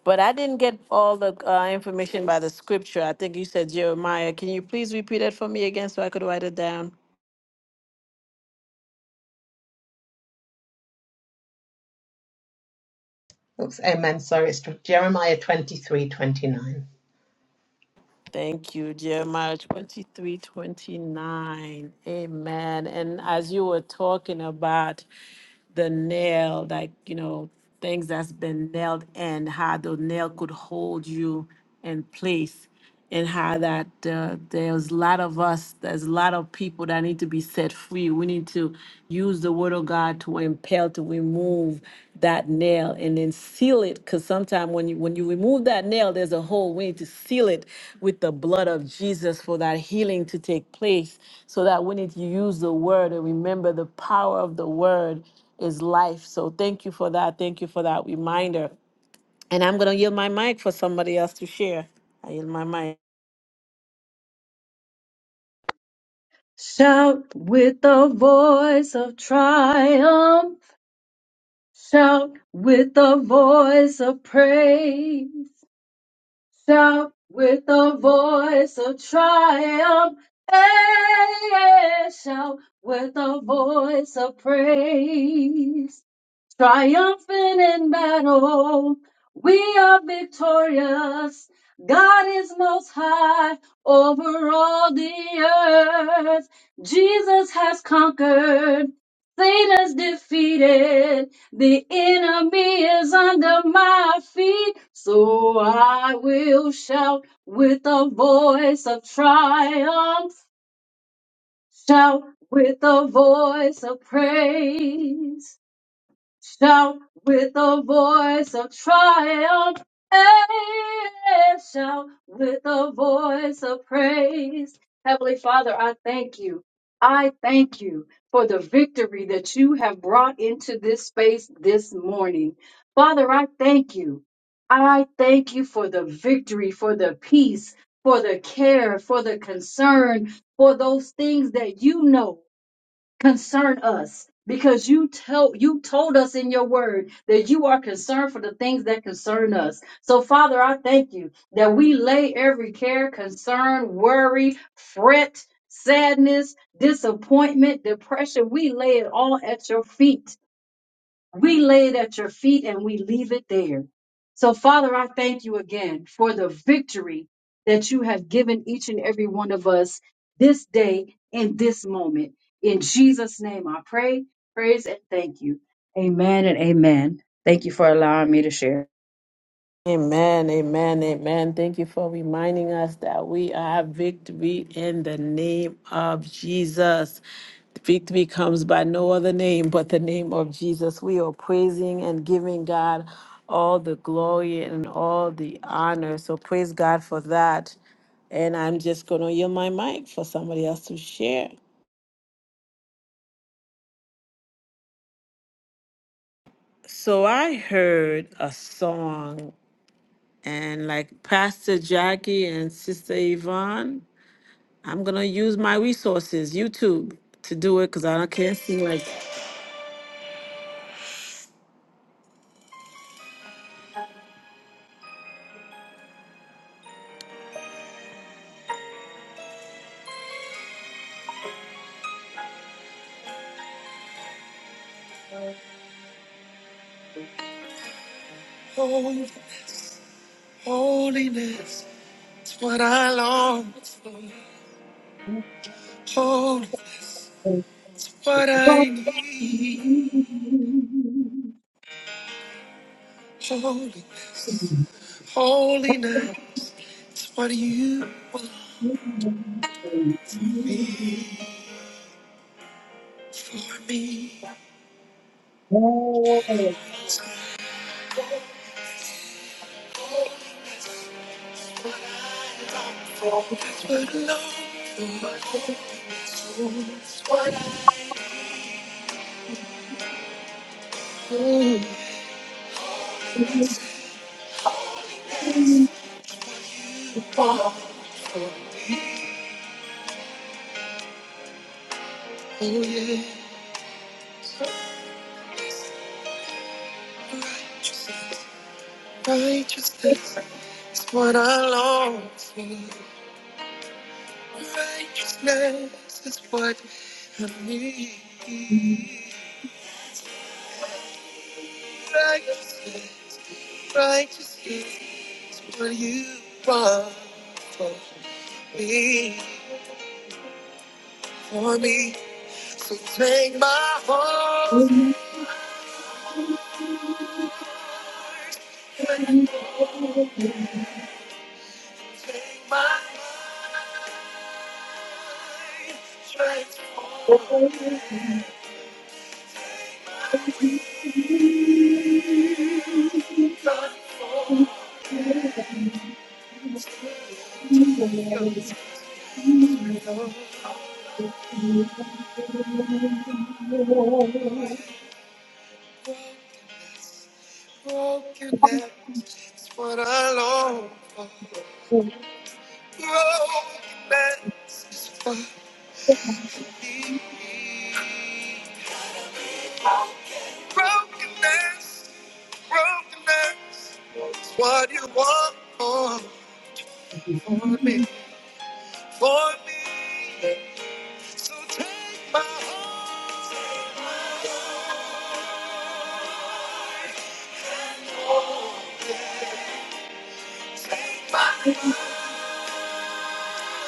A: But I didn't get all the uh, information by the scripture. I think you said Jeremiah. Can you please repeat it for me again so I could write it down?
C: Oops, amen. Sorry, it's Jeremiah twenty three twenty nine.
A: Thank you. Jeremiah 23 29. Amen. And as you were talking about the nail, like, you know, things that's been nailed in, how the nail could hold you in place. and how that uh, there's a lot of us, there's a lot of people that need to be set free. We need to use the word of God to impel, to remove that nail and then seal it. Because sometimes when you when you remove that nail, there's a hole. We need to seal it with the blood of Jesus for that healing to take place. So that we need to use the word and remember the power of the word is life. So thank you for that. Thank you for that reminder. And I'm gonna yield my mic for somebody else to share. I yield my mic.
D: Shout with the voice of triumph. Shout with the voice of praise. Shout with the voice of triumph. Hey, yeah, yeah, yeah. shout with the voice of praise. Triumphant in battle, we are victorious. God is most high over all the earth. Jesus has conquered. Satan's defeated. The enemy is under my feet. So I will shout with a voice of triumph. Shout with a voice of praise shout with a voice of triumph and shout with a voice of praise. Heavenly Father, I thank you. I thank you for the victory that you have brought into this space this morning. Father, I thank you. I thank you for the victory, for the peace, for the care, for the concern, for those things that you know concern us because you told you told us in your word that you are concerned for the things that concern us. So Father, I thank you that we lay every care, concern, worry, fret, sadness, disappointment, depression, we lay it all at your feet. We lay it at your feet and we leave it there. So, Father, I thank you again for the victory that you have given each and every one of us this day in this moment. In Jesus' name, I pray, praise, and thank you. Amen and amen. Thank you for allowing me to share.
A: Amen, amen, amen. Thank you for reminding us that we are victory in the name of Jesus. Victory comes by no other name but the name of Jesus. We are praising and giving God all the glory and all the honor. So praise God for that. And I'm just going to yield my mic for somebody else to share. So I heard a song, and like Pastor Jackie and Sister Yvonne I'm gonna use my resources, YouTube, to do it because I don't can't sing like Holy, holiness is what I long. Holy, what I need. Holy, holiness is what you want for me. It's what I want. Oh yeah, righteousness, righteousness is what I long for. Righteousness is what I need. Righteousness, righteousness is what you want for me, for me. So take my heart
D: Yes,
A: and take my mind, transform it, take my weak Brokenness is what I long for. Brokenness is what I need. Brokenness, brokenness is what you want for, for me, for me. So take my heart. Take my life,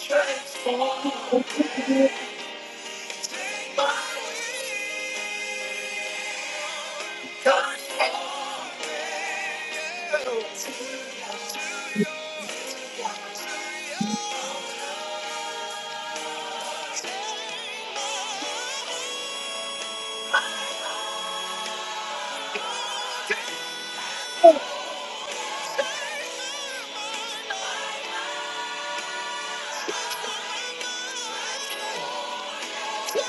A: transform it. Take my will, guide your will. To your, to your, to your love. Take my mind, transform it. Oh,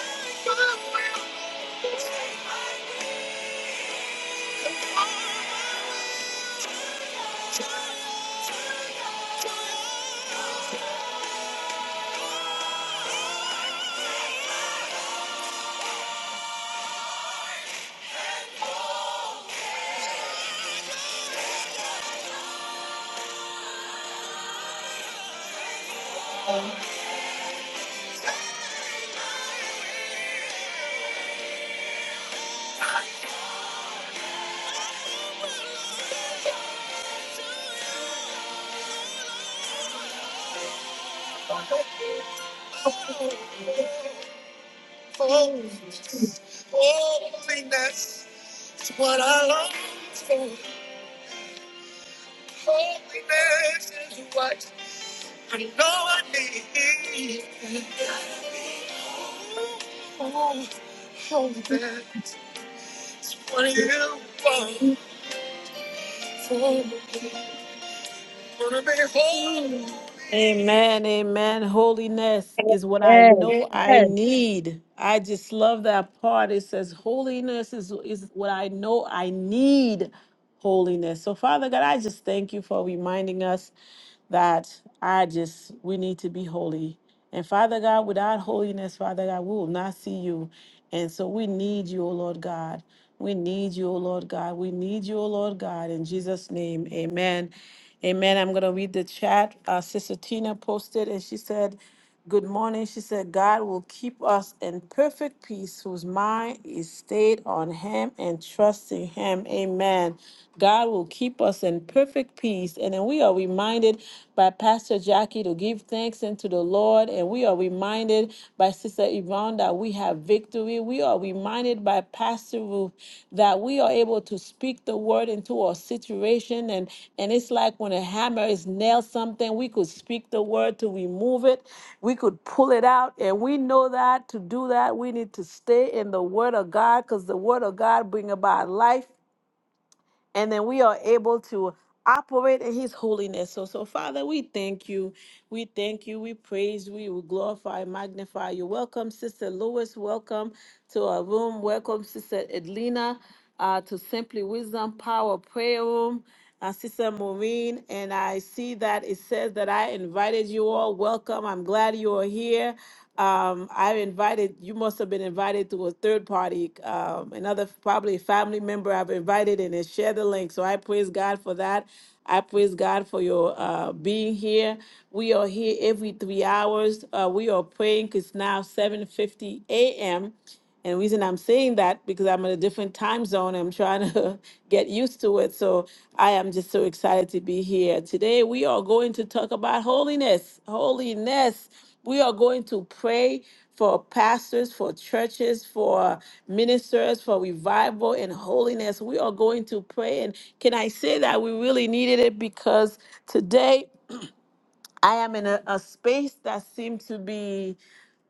A: holiness is what I long for. Holiness is what But no I need oh, oh, that's what you want for me. Wanna be holy. Amen, amen. Holiness is what I know I
D: yes.
A: need. I just love that part. It says, Holiness is, is what I know I need. Holiness. So, Father God, I just thank you for reminding us that I just, we need to be holy. And Father God, without holiness, Father God, we will not see you. And so we need you, O Lord God. We need you, O Lord God. We need you, O Lord God. In Jesus' name, amen. Amen. I'm going to read the chat. Uh, Sister Tina posted and she said, Good morning. She said, God will keep us in perfect peace, whose mind is stayed on Him and trusting Him. Amen. God will keep keep us in perfect peace. And then we are reminded by Pastor Jackie to give thanks unto the Lord. And we are reminded by Sister Yvonne that we have victory. We are reminded by Pastor Ruth that we are able to speak the word into our situation. And, and it's like when a hammer is nailed something, we could speak the word to remove it, we could pull it out. And we know that to do that, we need to stay in the word of God because the word of God bring about life and then we are able to operate in his holiness. So, so Father, we thank you. We thank you. We praise. We will glorify, magnify you. Welcome, Sister Lewis. Welcome to our room. Welcome, Sister Edlina, uh, to Simply Wisdom Power Prayer Room. Uh, Sister Maureen, and I see that it says that I invited you all. Welcome. I'm glad you are here. Um, I invited, you must have been invited to a third party, um, another f- probably family member I've invited and then share the link. So I praise God for that. I praise God for your uh, being here. We are here every three hours. Uh, we are praying. It's now 7.50 a.m. And the reason I'm saying that because I'm in a different time zone, I'm trying to get used to it. So I am just so excited to be here. Today we are going to talk about holiness. Holiness. We are going to pray for pastors, for churches, for ministers, for revival and holiness. We are going to pray. And can I say that we really needed it because today I am in a, a space that seems to be,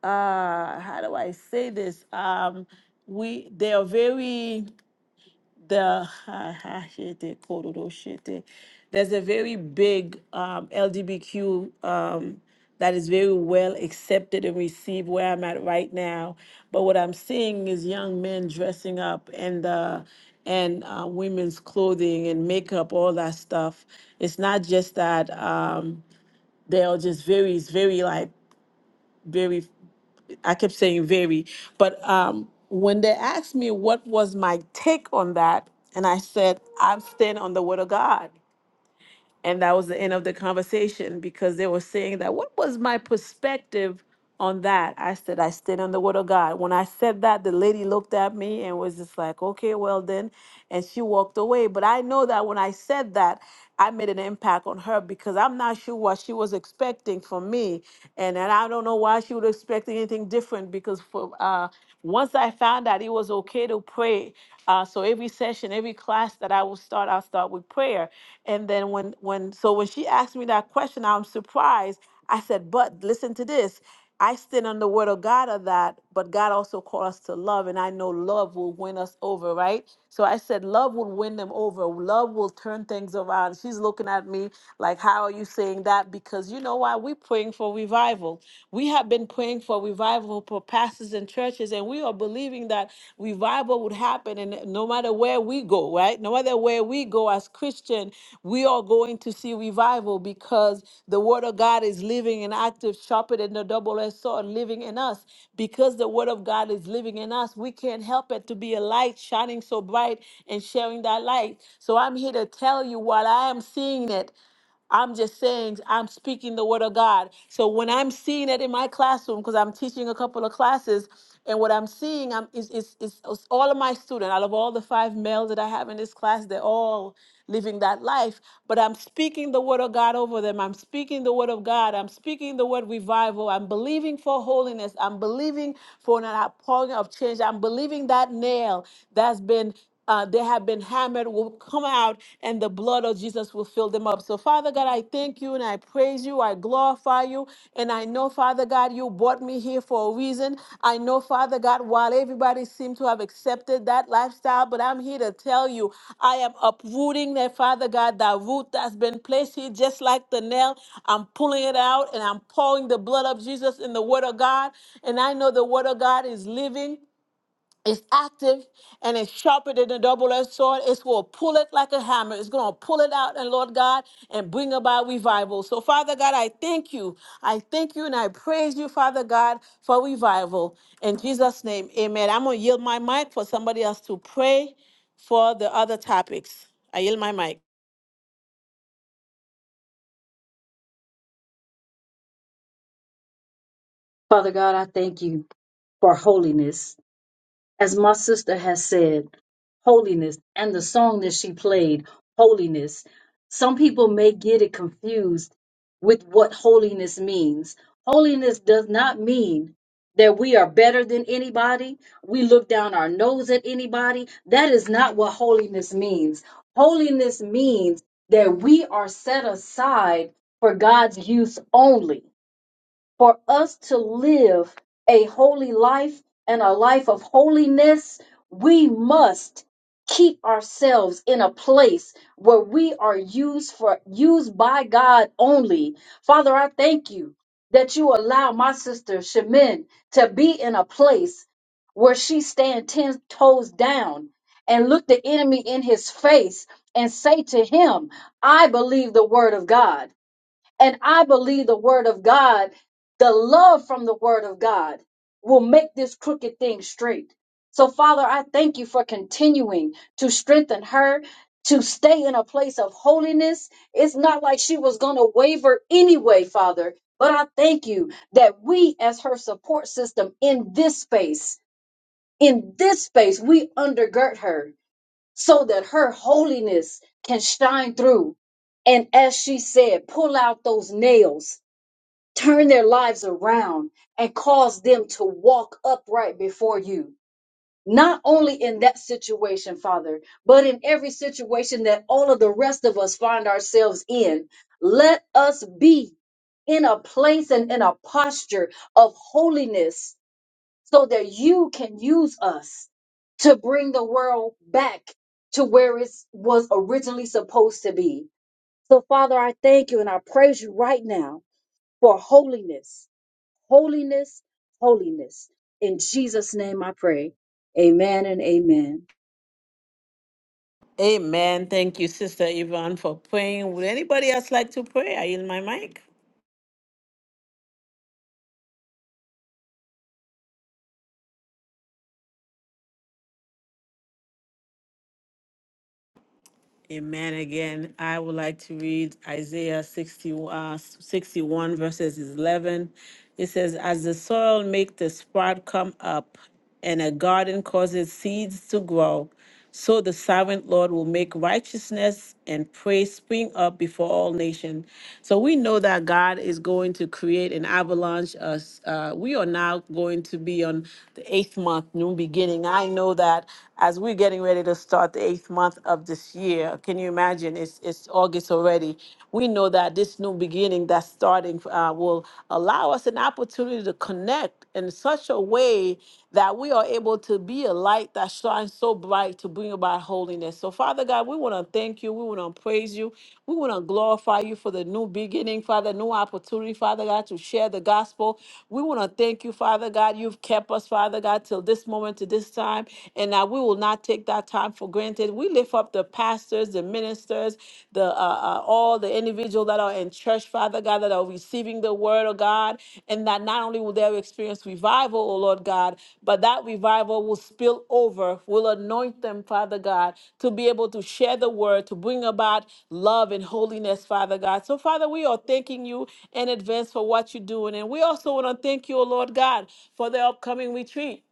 A: uh, how do I say this? Um, we they are very the there's a very big um, LGBTQ um, that is very well accepted and received where I'm at right now. But what I'm seeing is young men dressing up and uh, and uh, women's clothing and makeup, all that stuff. It's not just that. Um, they're just very it's very like very i kept saying very but um when they asked me what was my take on that and i said i'm standing on the word of god and that was the end of the conversation because they were saying that what was my perspective on that? I said, I stand on the word of God. When I said that, the lady looked at me and was just like, okay, well then. And she walked away. But I know that when I said that, I made an impact on her because I'm not sure what she was expecting from me. And, and I don't know why she would expect anything different because for uh, once I found out it was okay to pray. Uh, so every session, every class that I will start, I'll start with prayer and then when when so when she asked me that question, I'm surprised. I said, "But listen to this. I stand on the word of God of that, but God also called us to love, and I know love will win us over, right? So I said, love will win them over. Love will turn things around. She's looking at me like, how are you saying that? Because you know why? We're praying for revival. We have been praying for revival for pastors and churches, and we are believing that revival would happen. And no matter where we go, right? No matter where we go as Christian, we are going to see revival because the Word of God is living and active, sharper than the double-edged sword, living in us. Because the Word of God is living in us, we can't help it to be a light shining so bright and sharing that light. So I'm here to tell you while I am seeing it. I'm just saying, I'm speaking the word of God. So when I'm seeing it in my classroom, because I'm teaching a couple of classes, and what I'm seeing I'm, is, is, is is all of my students, out of all the five males that I have in this class, they're all living that life. But I'm speaking the word of God over them. I'm speaking the word of God. I'm speaking the word revival. I'm believing for holiness. I'm believing for an outpouring of change. I'm believing that nail that's been uh, they have been hammered will come out and the blood of Jesus will fill them up. So, Father God, I thank you and I praise you. I glorify you. And I know, Father God, you brought me here for a reason. I know, Father God, while everybody seemed to have accepted that lifestyle, but I'm here to tell you, I am uprooting that, Father God, that root that's been placed here, just like the nail. I'm pulling it out and I'm pouring the blood of Jesus in the Word of God. And I know the Word of God is living. It's active and it's sharper than a double-edged sword. It's going to pull it like a hammer. It's going to pull it out, and Lord God, and bring about revival. So, Father God, I thank you. I thank you and I praise you, Father God, for revival. In Jesus' name, amen. I'm going to yield my mic for somebody else to pray for the other topics. I yield my mic.
D: Father God, I thank you for holiness. As my sister has said, holiness and the song that she played, holiness, some people may get it confused with what holiness means. Holiness does not mean that we are better than anybody, we look down our nose at anybody. That is not what holiness means. Holiness means that we are set aside for God's use only for us to live a holy life and a life of holiness, we must keep ourselves in a place where we are used for used by God only. Father, I thank you that you allow my sister Shemin to be in a place where she stand ten toes down and look the enemy in his face and say to him, I believe the word of God. And I believe the word of God, the love from the word of God will make this crooked thing straight. So, Father, I thank you for continuing to strengthen her to stay in a place of holiness. It's not like she was going to waver anyway, Father. But I thank you that we, as her support system in this space, in this space, we undergird her so that her holiness can shine through. And as she said, pull out those nails, turn their lives around, and cause them to walk upright before you. Not only in that situation, Father, but in every situation that all of the rest of us find ourselves in. Let us be in a place and in a posture of holiness so that you can use us to bring the world back to where it was originally supposed to be. So, Father, I thank you and I praise you right now for holiness, holiness, holiness. In Jesus' name I pray. Amen and amen.
A: Amen. Thank you, Sister Yvonne, for praying. Would anybody else like to pray? I yield my mic. Amen. Again, I would like to read Isaiah 60, uh, 61 verses 11. It says, As the soil makes the sprout come up and a garden causes seeds to grow, so the servant Lord will make righteousness and praise spring up before all nations. So we know that God is going to create an avalanche. Us, uh, we are now going to be on the eighth month, new beginning. I know that as we're getting ready to start the eighth month of this year. Can you imagine? It's, it's August already. We know that this new beginning that's starting uh, will allow us an opportunity to connect in such a way that we are able to be a light that shines so bright to bring about holiness. So, Father God, we want to thank you. We want to praise you. We want to glorify you for the new beginning, Father, new opportunity, Father God, to share the gospel. We want to thank you, Father God. You've kept us, Father God, till this moment, to this time, and that we will not take that time for granted. We lift up the pastors, the ministers, the uh, uh, all all the individuals that are in church, Father God, that are receiving the word of God, and that not only will they experience revival, oh Lord God, but that revival will spill over, will anoint them, Father God, to be able to share the word, to bring about love and holiness, Father God. So, Father, we are thanking you in advance for what you're doing. And we also want to thank you, oh Lord God, for the upcoming retreat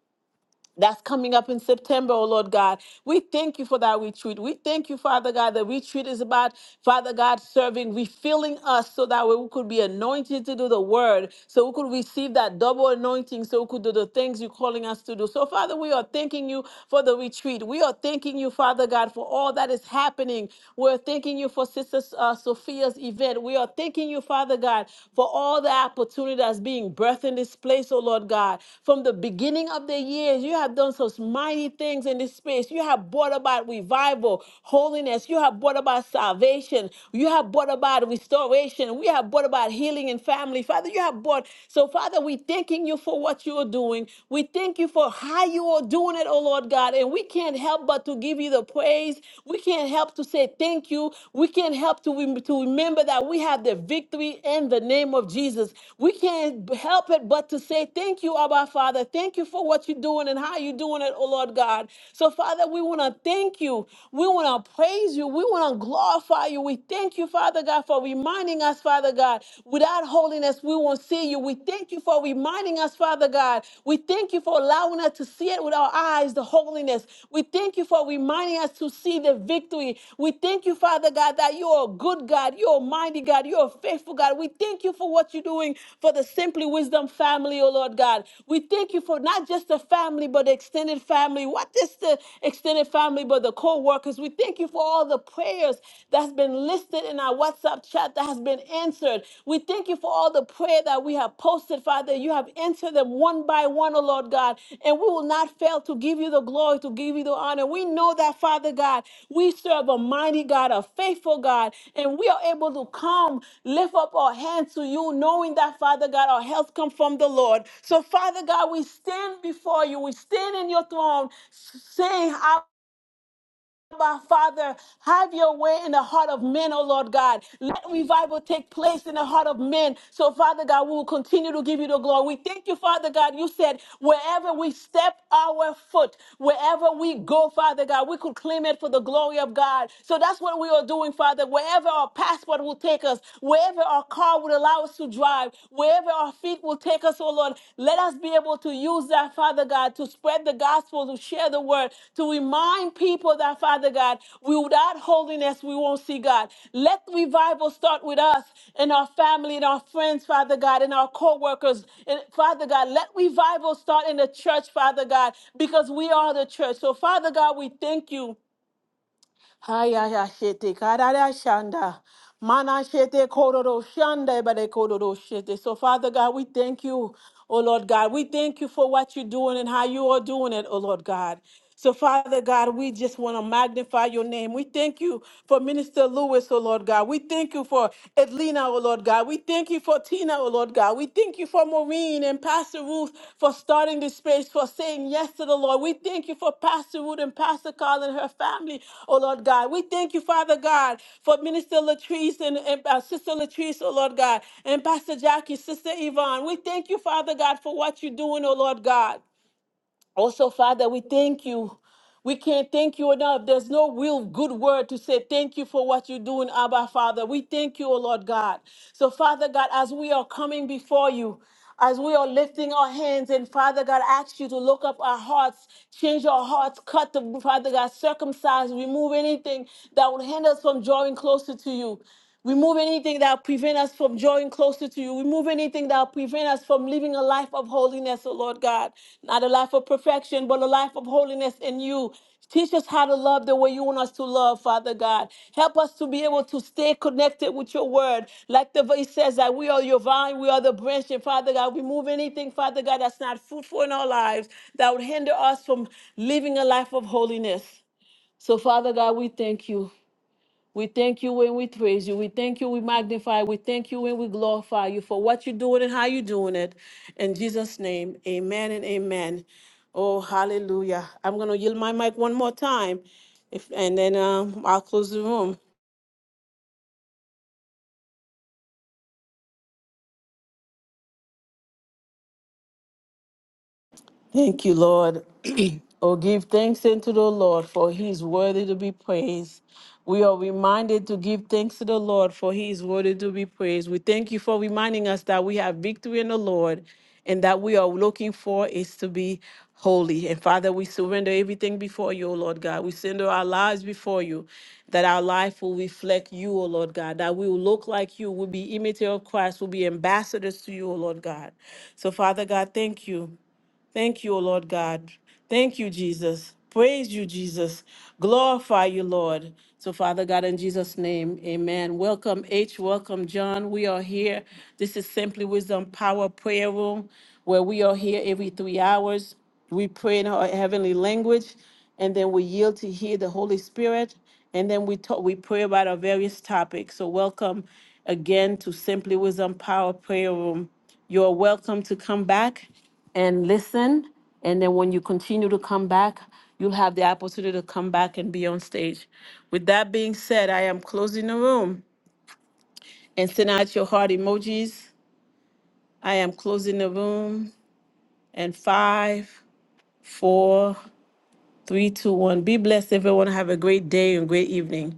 A: that's coming up in September, oh Lord God. We thank you for that retreat. We thank you, Father God, that retreat is about, Father God, serving, refilling us so that we could be anointed to do the word, so we could receive that double anointing, so we could do the things you're calling us to do. So, Father, we are thanking you for the retreat. We are thanking you, Father God, for all that is happening. We're thanking you for Sister uh, Sophia's event. We are thanking you, Father God, for all the opportunity that's being birthed in this place, oh Lord God. From the beginning of the years, you have done such mighty things in this space. You have brought about revival, holiness. You have brought about salvation. You have brought about restoration. We have brought about healing in family. Father, you have brought. So, Father, we thanking you for what you are doing. We thank you for how you are doing it, oh Lord God. And we can't help but to give you the praise. We can't help to say thank you. We can't help to, rem- to remember that we have the victory in the name of Jesus. We can't help it but to say thank you, Abba Father. Thank you for what you're doing and how you're doing it, oh Lord God. So, Father, we want to thank you. We want to praise you. We want to glorify you. We thank you, Father God, for reminding us, Father God, without holiness, we won't see you. We thank you for reminding us, Father God. We thank you for allowing us to see it with our eyes, the holiness. We thank you for reminding us to see the victory. We thank you, Father God, that you're a good God, you're a mighty God, you're a faithful God. We thank you for what you're doing for the Simply Wisdom family, oh Lord God. We thank you for not just the family, but the extended family. What is the extended family, but the co workers? We thank you for all the prayers that's been listed in our WhatsApp chat that has been answered. We thank you for all the prayer that we have posted, Father. You have answered them one by one, oh Lord God. And we will not fail to give you the glory, to give you the honor. We know that, Father God, we serve a mighty God, a faithful God, and we are able to come, lift up our hands to you, knowing that, Father God, our health comes from the Lord. So, Father God, we stand before you. We stand in your throne, saying, Abba, Father, have your way in the heart of men, oh Lord God. Let revival take place in the heart of men. So, Father God, we will continue to give you the glory. We thank you, Father God. You said, wherever we step our foot, wherever we go, Father God, we could claim it for the glory of God. So that's what we are doing, Father. Wherever our passport will take us, wherever our car would allow us to drive, wherever wherever our feet will take us, oh Lord, let us be able to use that, Father God, to spread the gospel, to share the word, to remind people that, Father God, we, without holiness, we won't see God. Let revival start with us and our family and our friends, Father God, and our co workers. And Father God, let revival start in the church, Father God, because we are the church. So, Father God, we thank you. Hayaya shete karara shanda. Mana shete kororo shanda ebade kororo shete. So Father God, we thank you, oh Lord God. We thank you for what you're doing and how you are doing it, oh Lord God. So, Father God, we just want to magnify your name. We thank you for Minister Lewis, oh Lord God. We thank you for Edlina, oh Lord God. We we thank you for Tina, oh Lord God. We thank you for Maureen and Pastor Ruth for starting this space, for saying yes to the Lord. We thank you for Pastor Ruth and Pastor Carl and her family, oh Lord God. We thank you, Father God, for Minister Latrice and, and uh, Sister Latrice, oh Lord God, and Pastor Jackie, Sister Yvonne. We thank you, Father God, for what you're doing, oh Lord God. Also, Father, we thank you. We can't thank you enough. There's no real good word to say thank you for what you're doing, Abba, Father. We thank you, O Lord God. So, Father God, as we are coming before you, as we are lifting our hands, and Father God, ask you to look up our hearts, change our hearts, cut the Father God, circumcise, remove anything that would hinder us from drawing closer to you. Remove anything that prevent us from drawing closer to you. Remove anything that prevent us from living a life of holiness, O Lord God. Not a life of perfection, but a life of holiness in you. Teach us how to love the way you want us to love, Father God. Help us to be able to stay connected with your word. Like the verse says that we are your vine, we are the branch, and Father God, remove anything, Father God, that's not fruitful in our lives that would hinder us from living a life of holiness. So, Father God, we thank you. We thank you and we praise you. We thank you, we magnify, we thank you and we glorify you for what you're doing and how you're doing it. In Jesus' name, amen and amen. Oh, hallelujah. I'm going to yield my mic one more time if, and then um, I'll close the room. Thank you, Lord. oh, give thanks unto the Lord, for he is worthy to be praised. We are reminded to give thanks to the Lord, for he is worthy to be praised. We thank you for reminding us that we have victory in the Lord and that we are looking for is to be holy. And Father, we surrender everything before you, O Lord God. We surrender our lives before you, that our life will reflect you, O Lord God, that we will look like you, will be imitators of Christ, will be ambassadors to you, O Lord God. So, Father God, thank you. Thank you, O Lord God. Thank you, Jesus. Praise you, Jesus. Glorify you, Lord. So, Father God, in Jesus' name, amen. Welcome, H. Welcome, John. We are here. This is Simply Wisdom Power Prayer Room, where we are here every three hours. We pray in our heavenly language, and then we yield to hear the Holy Spirit, and then we talk, we pray about our various topics. So, welcome again to Simply Wisdom Power Prayer Room. You're welcome to come back and listen. And then when you continue to come back, you'll have the opportunity to come back and be on stage. With that being said, I am closing the room and send out your heart emojis. I am closing the room and five, four, three, two, one. Be blessed, everyone. Have a great day and great evening.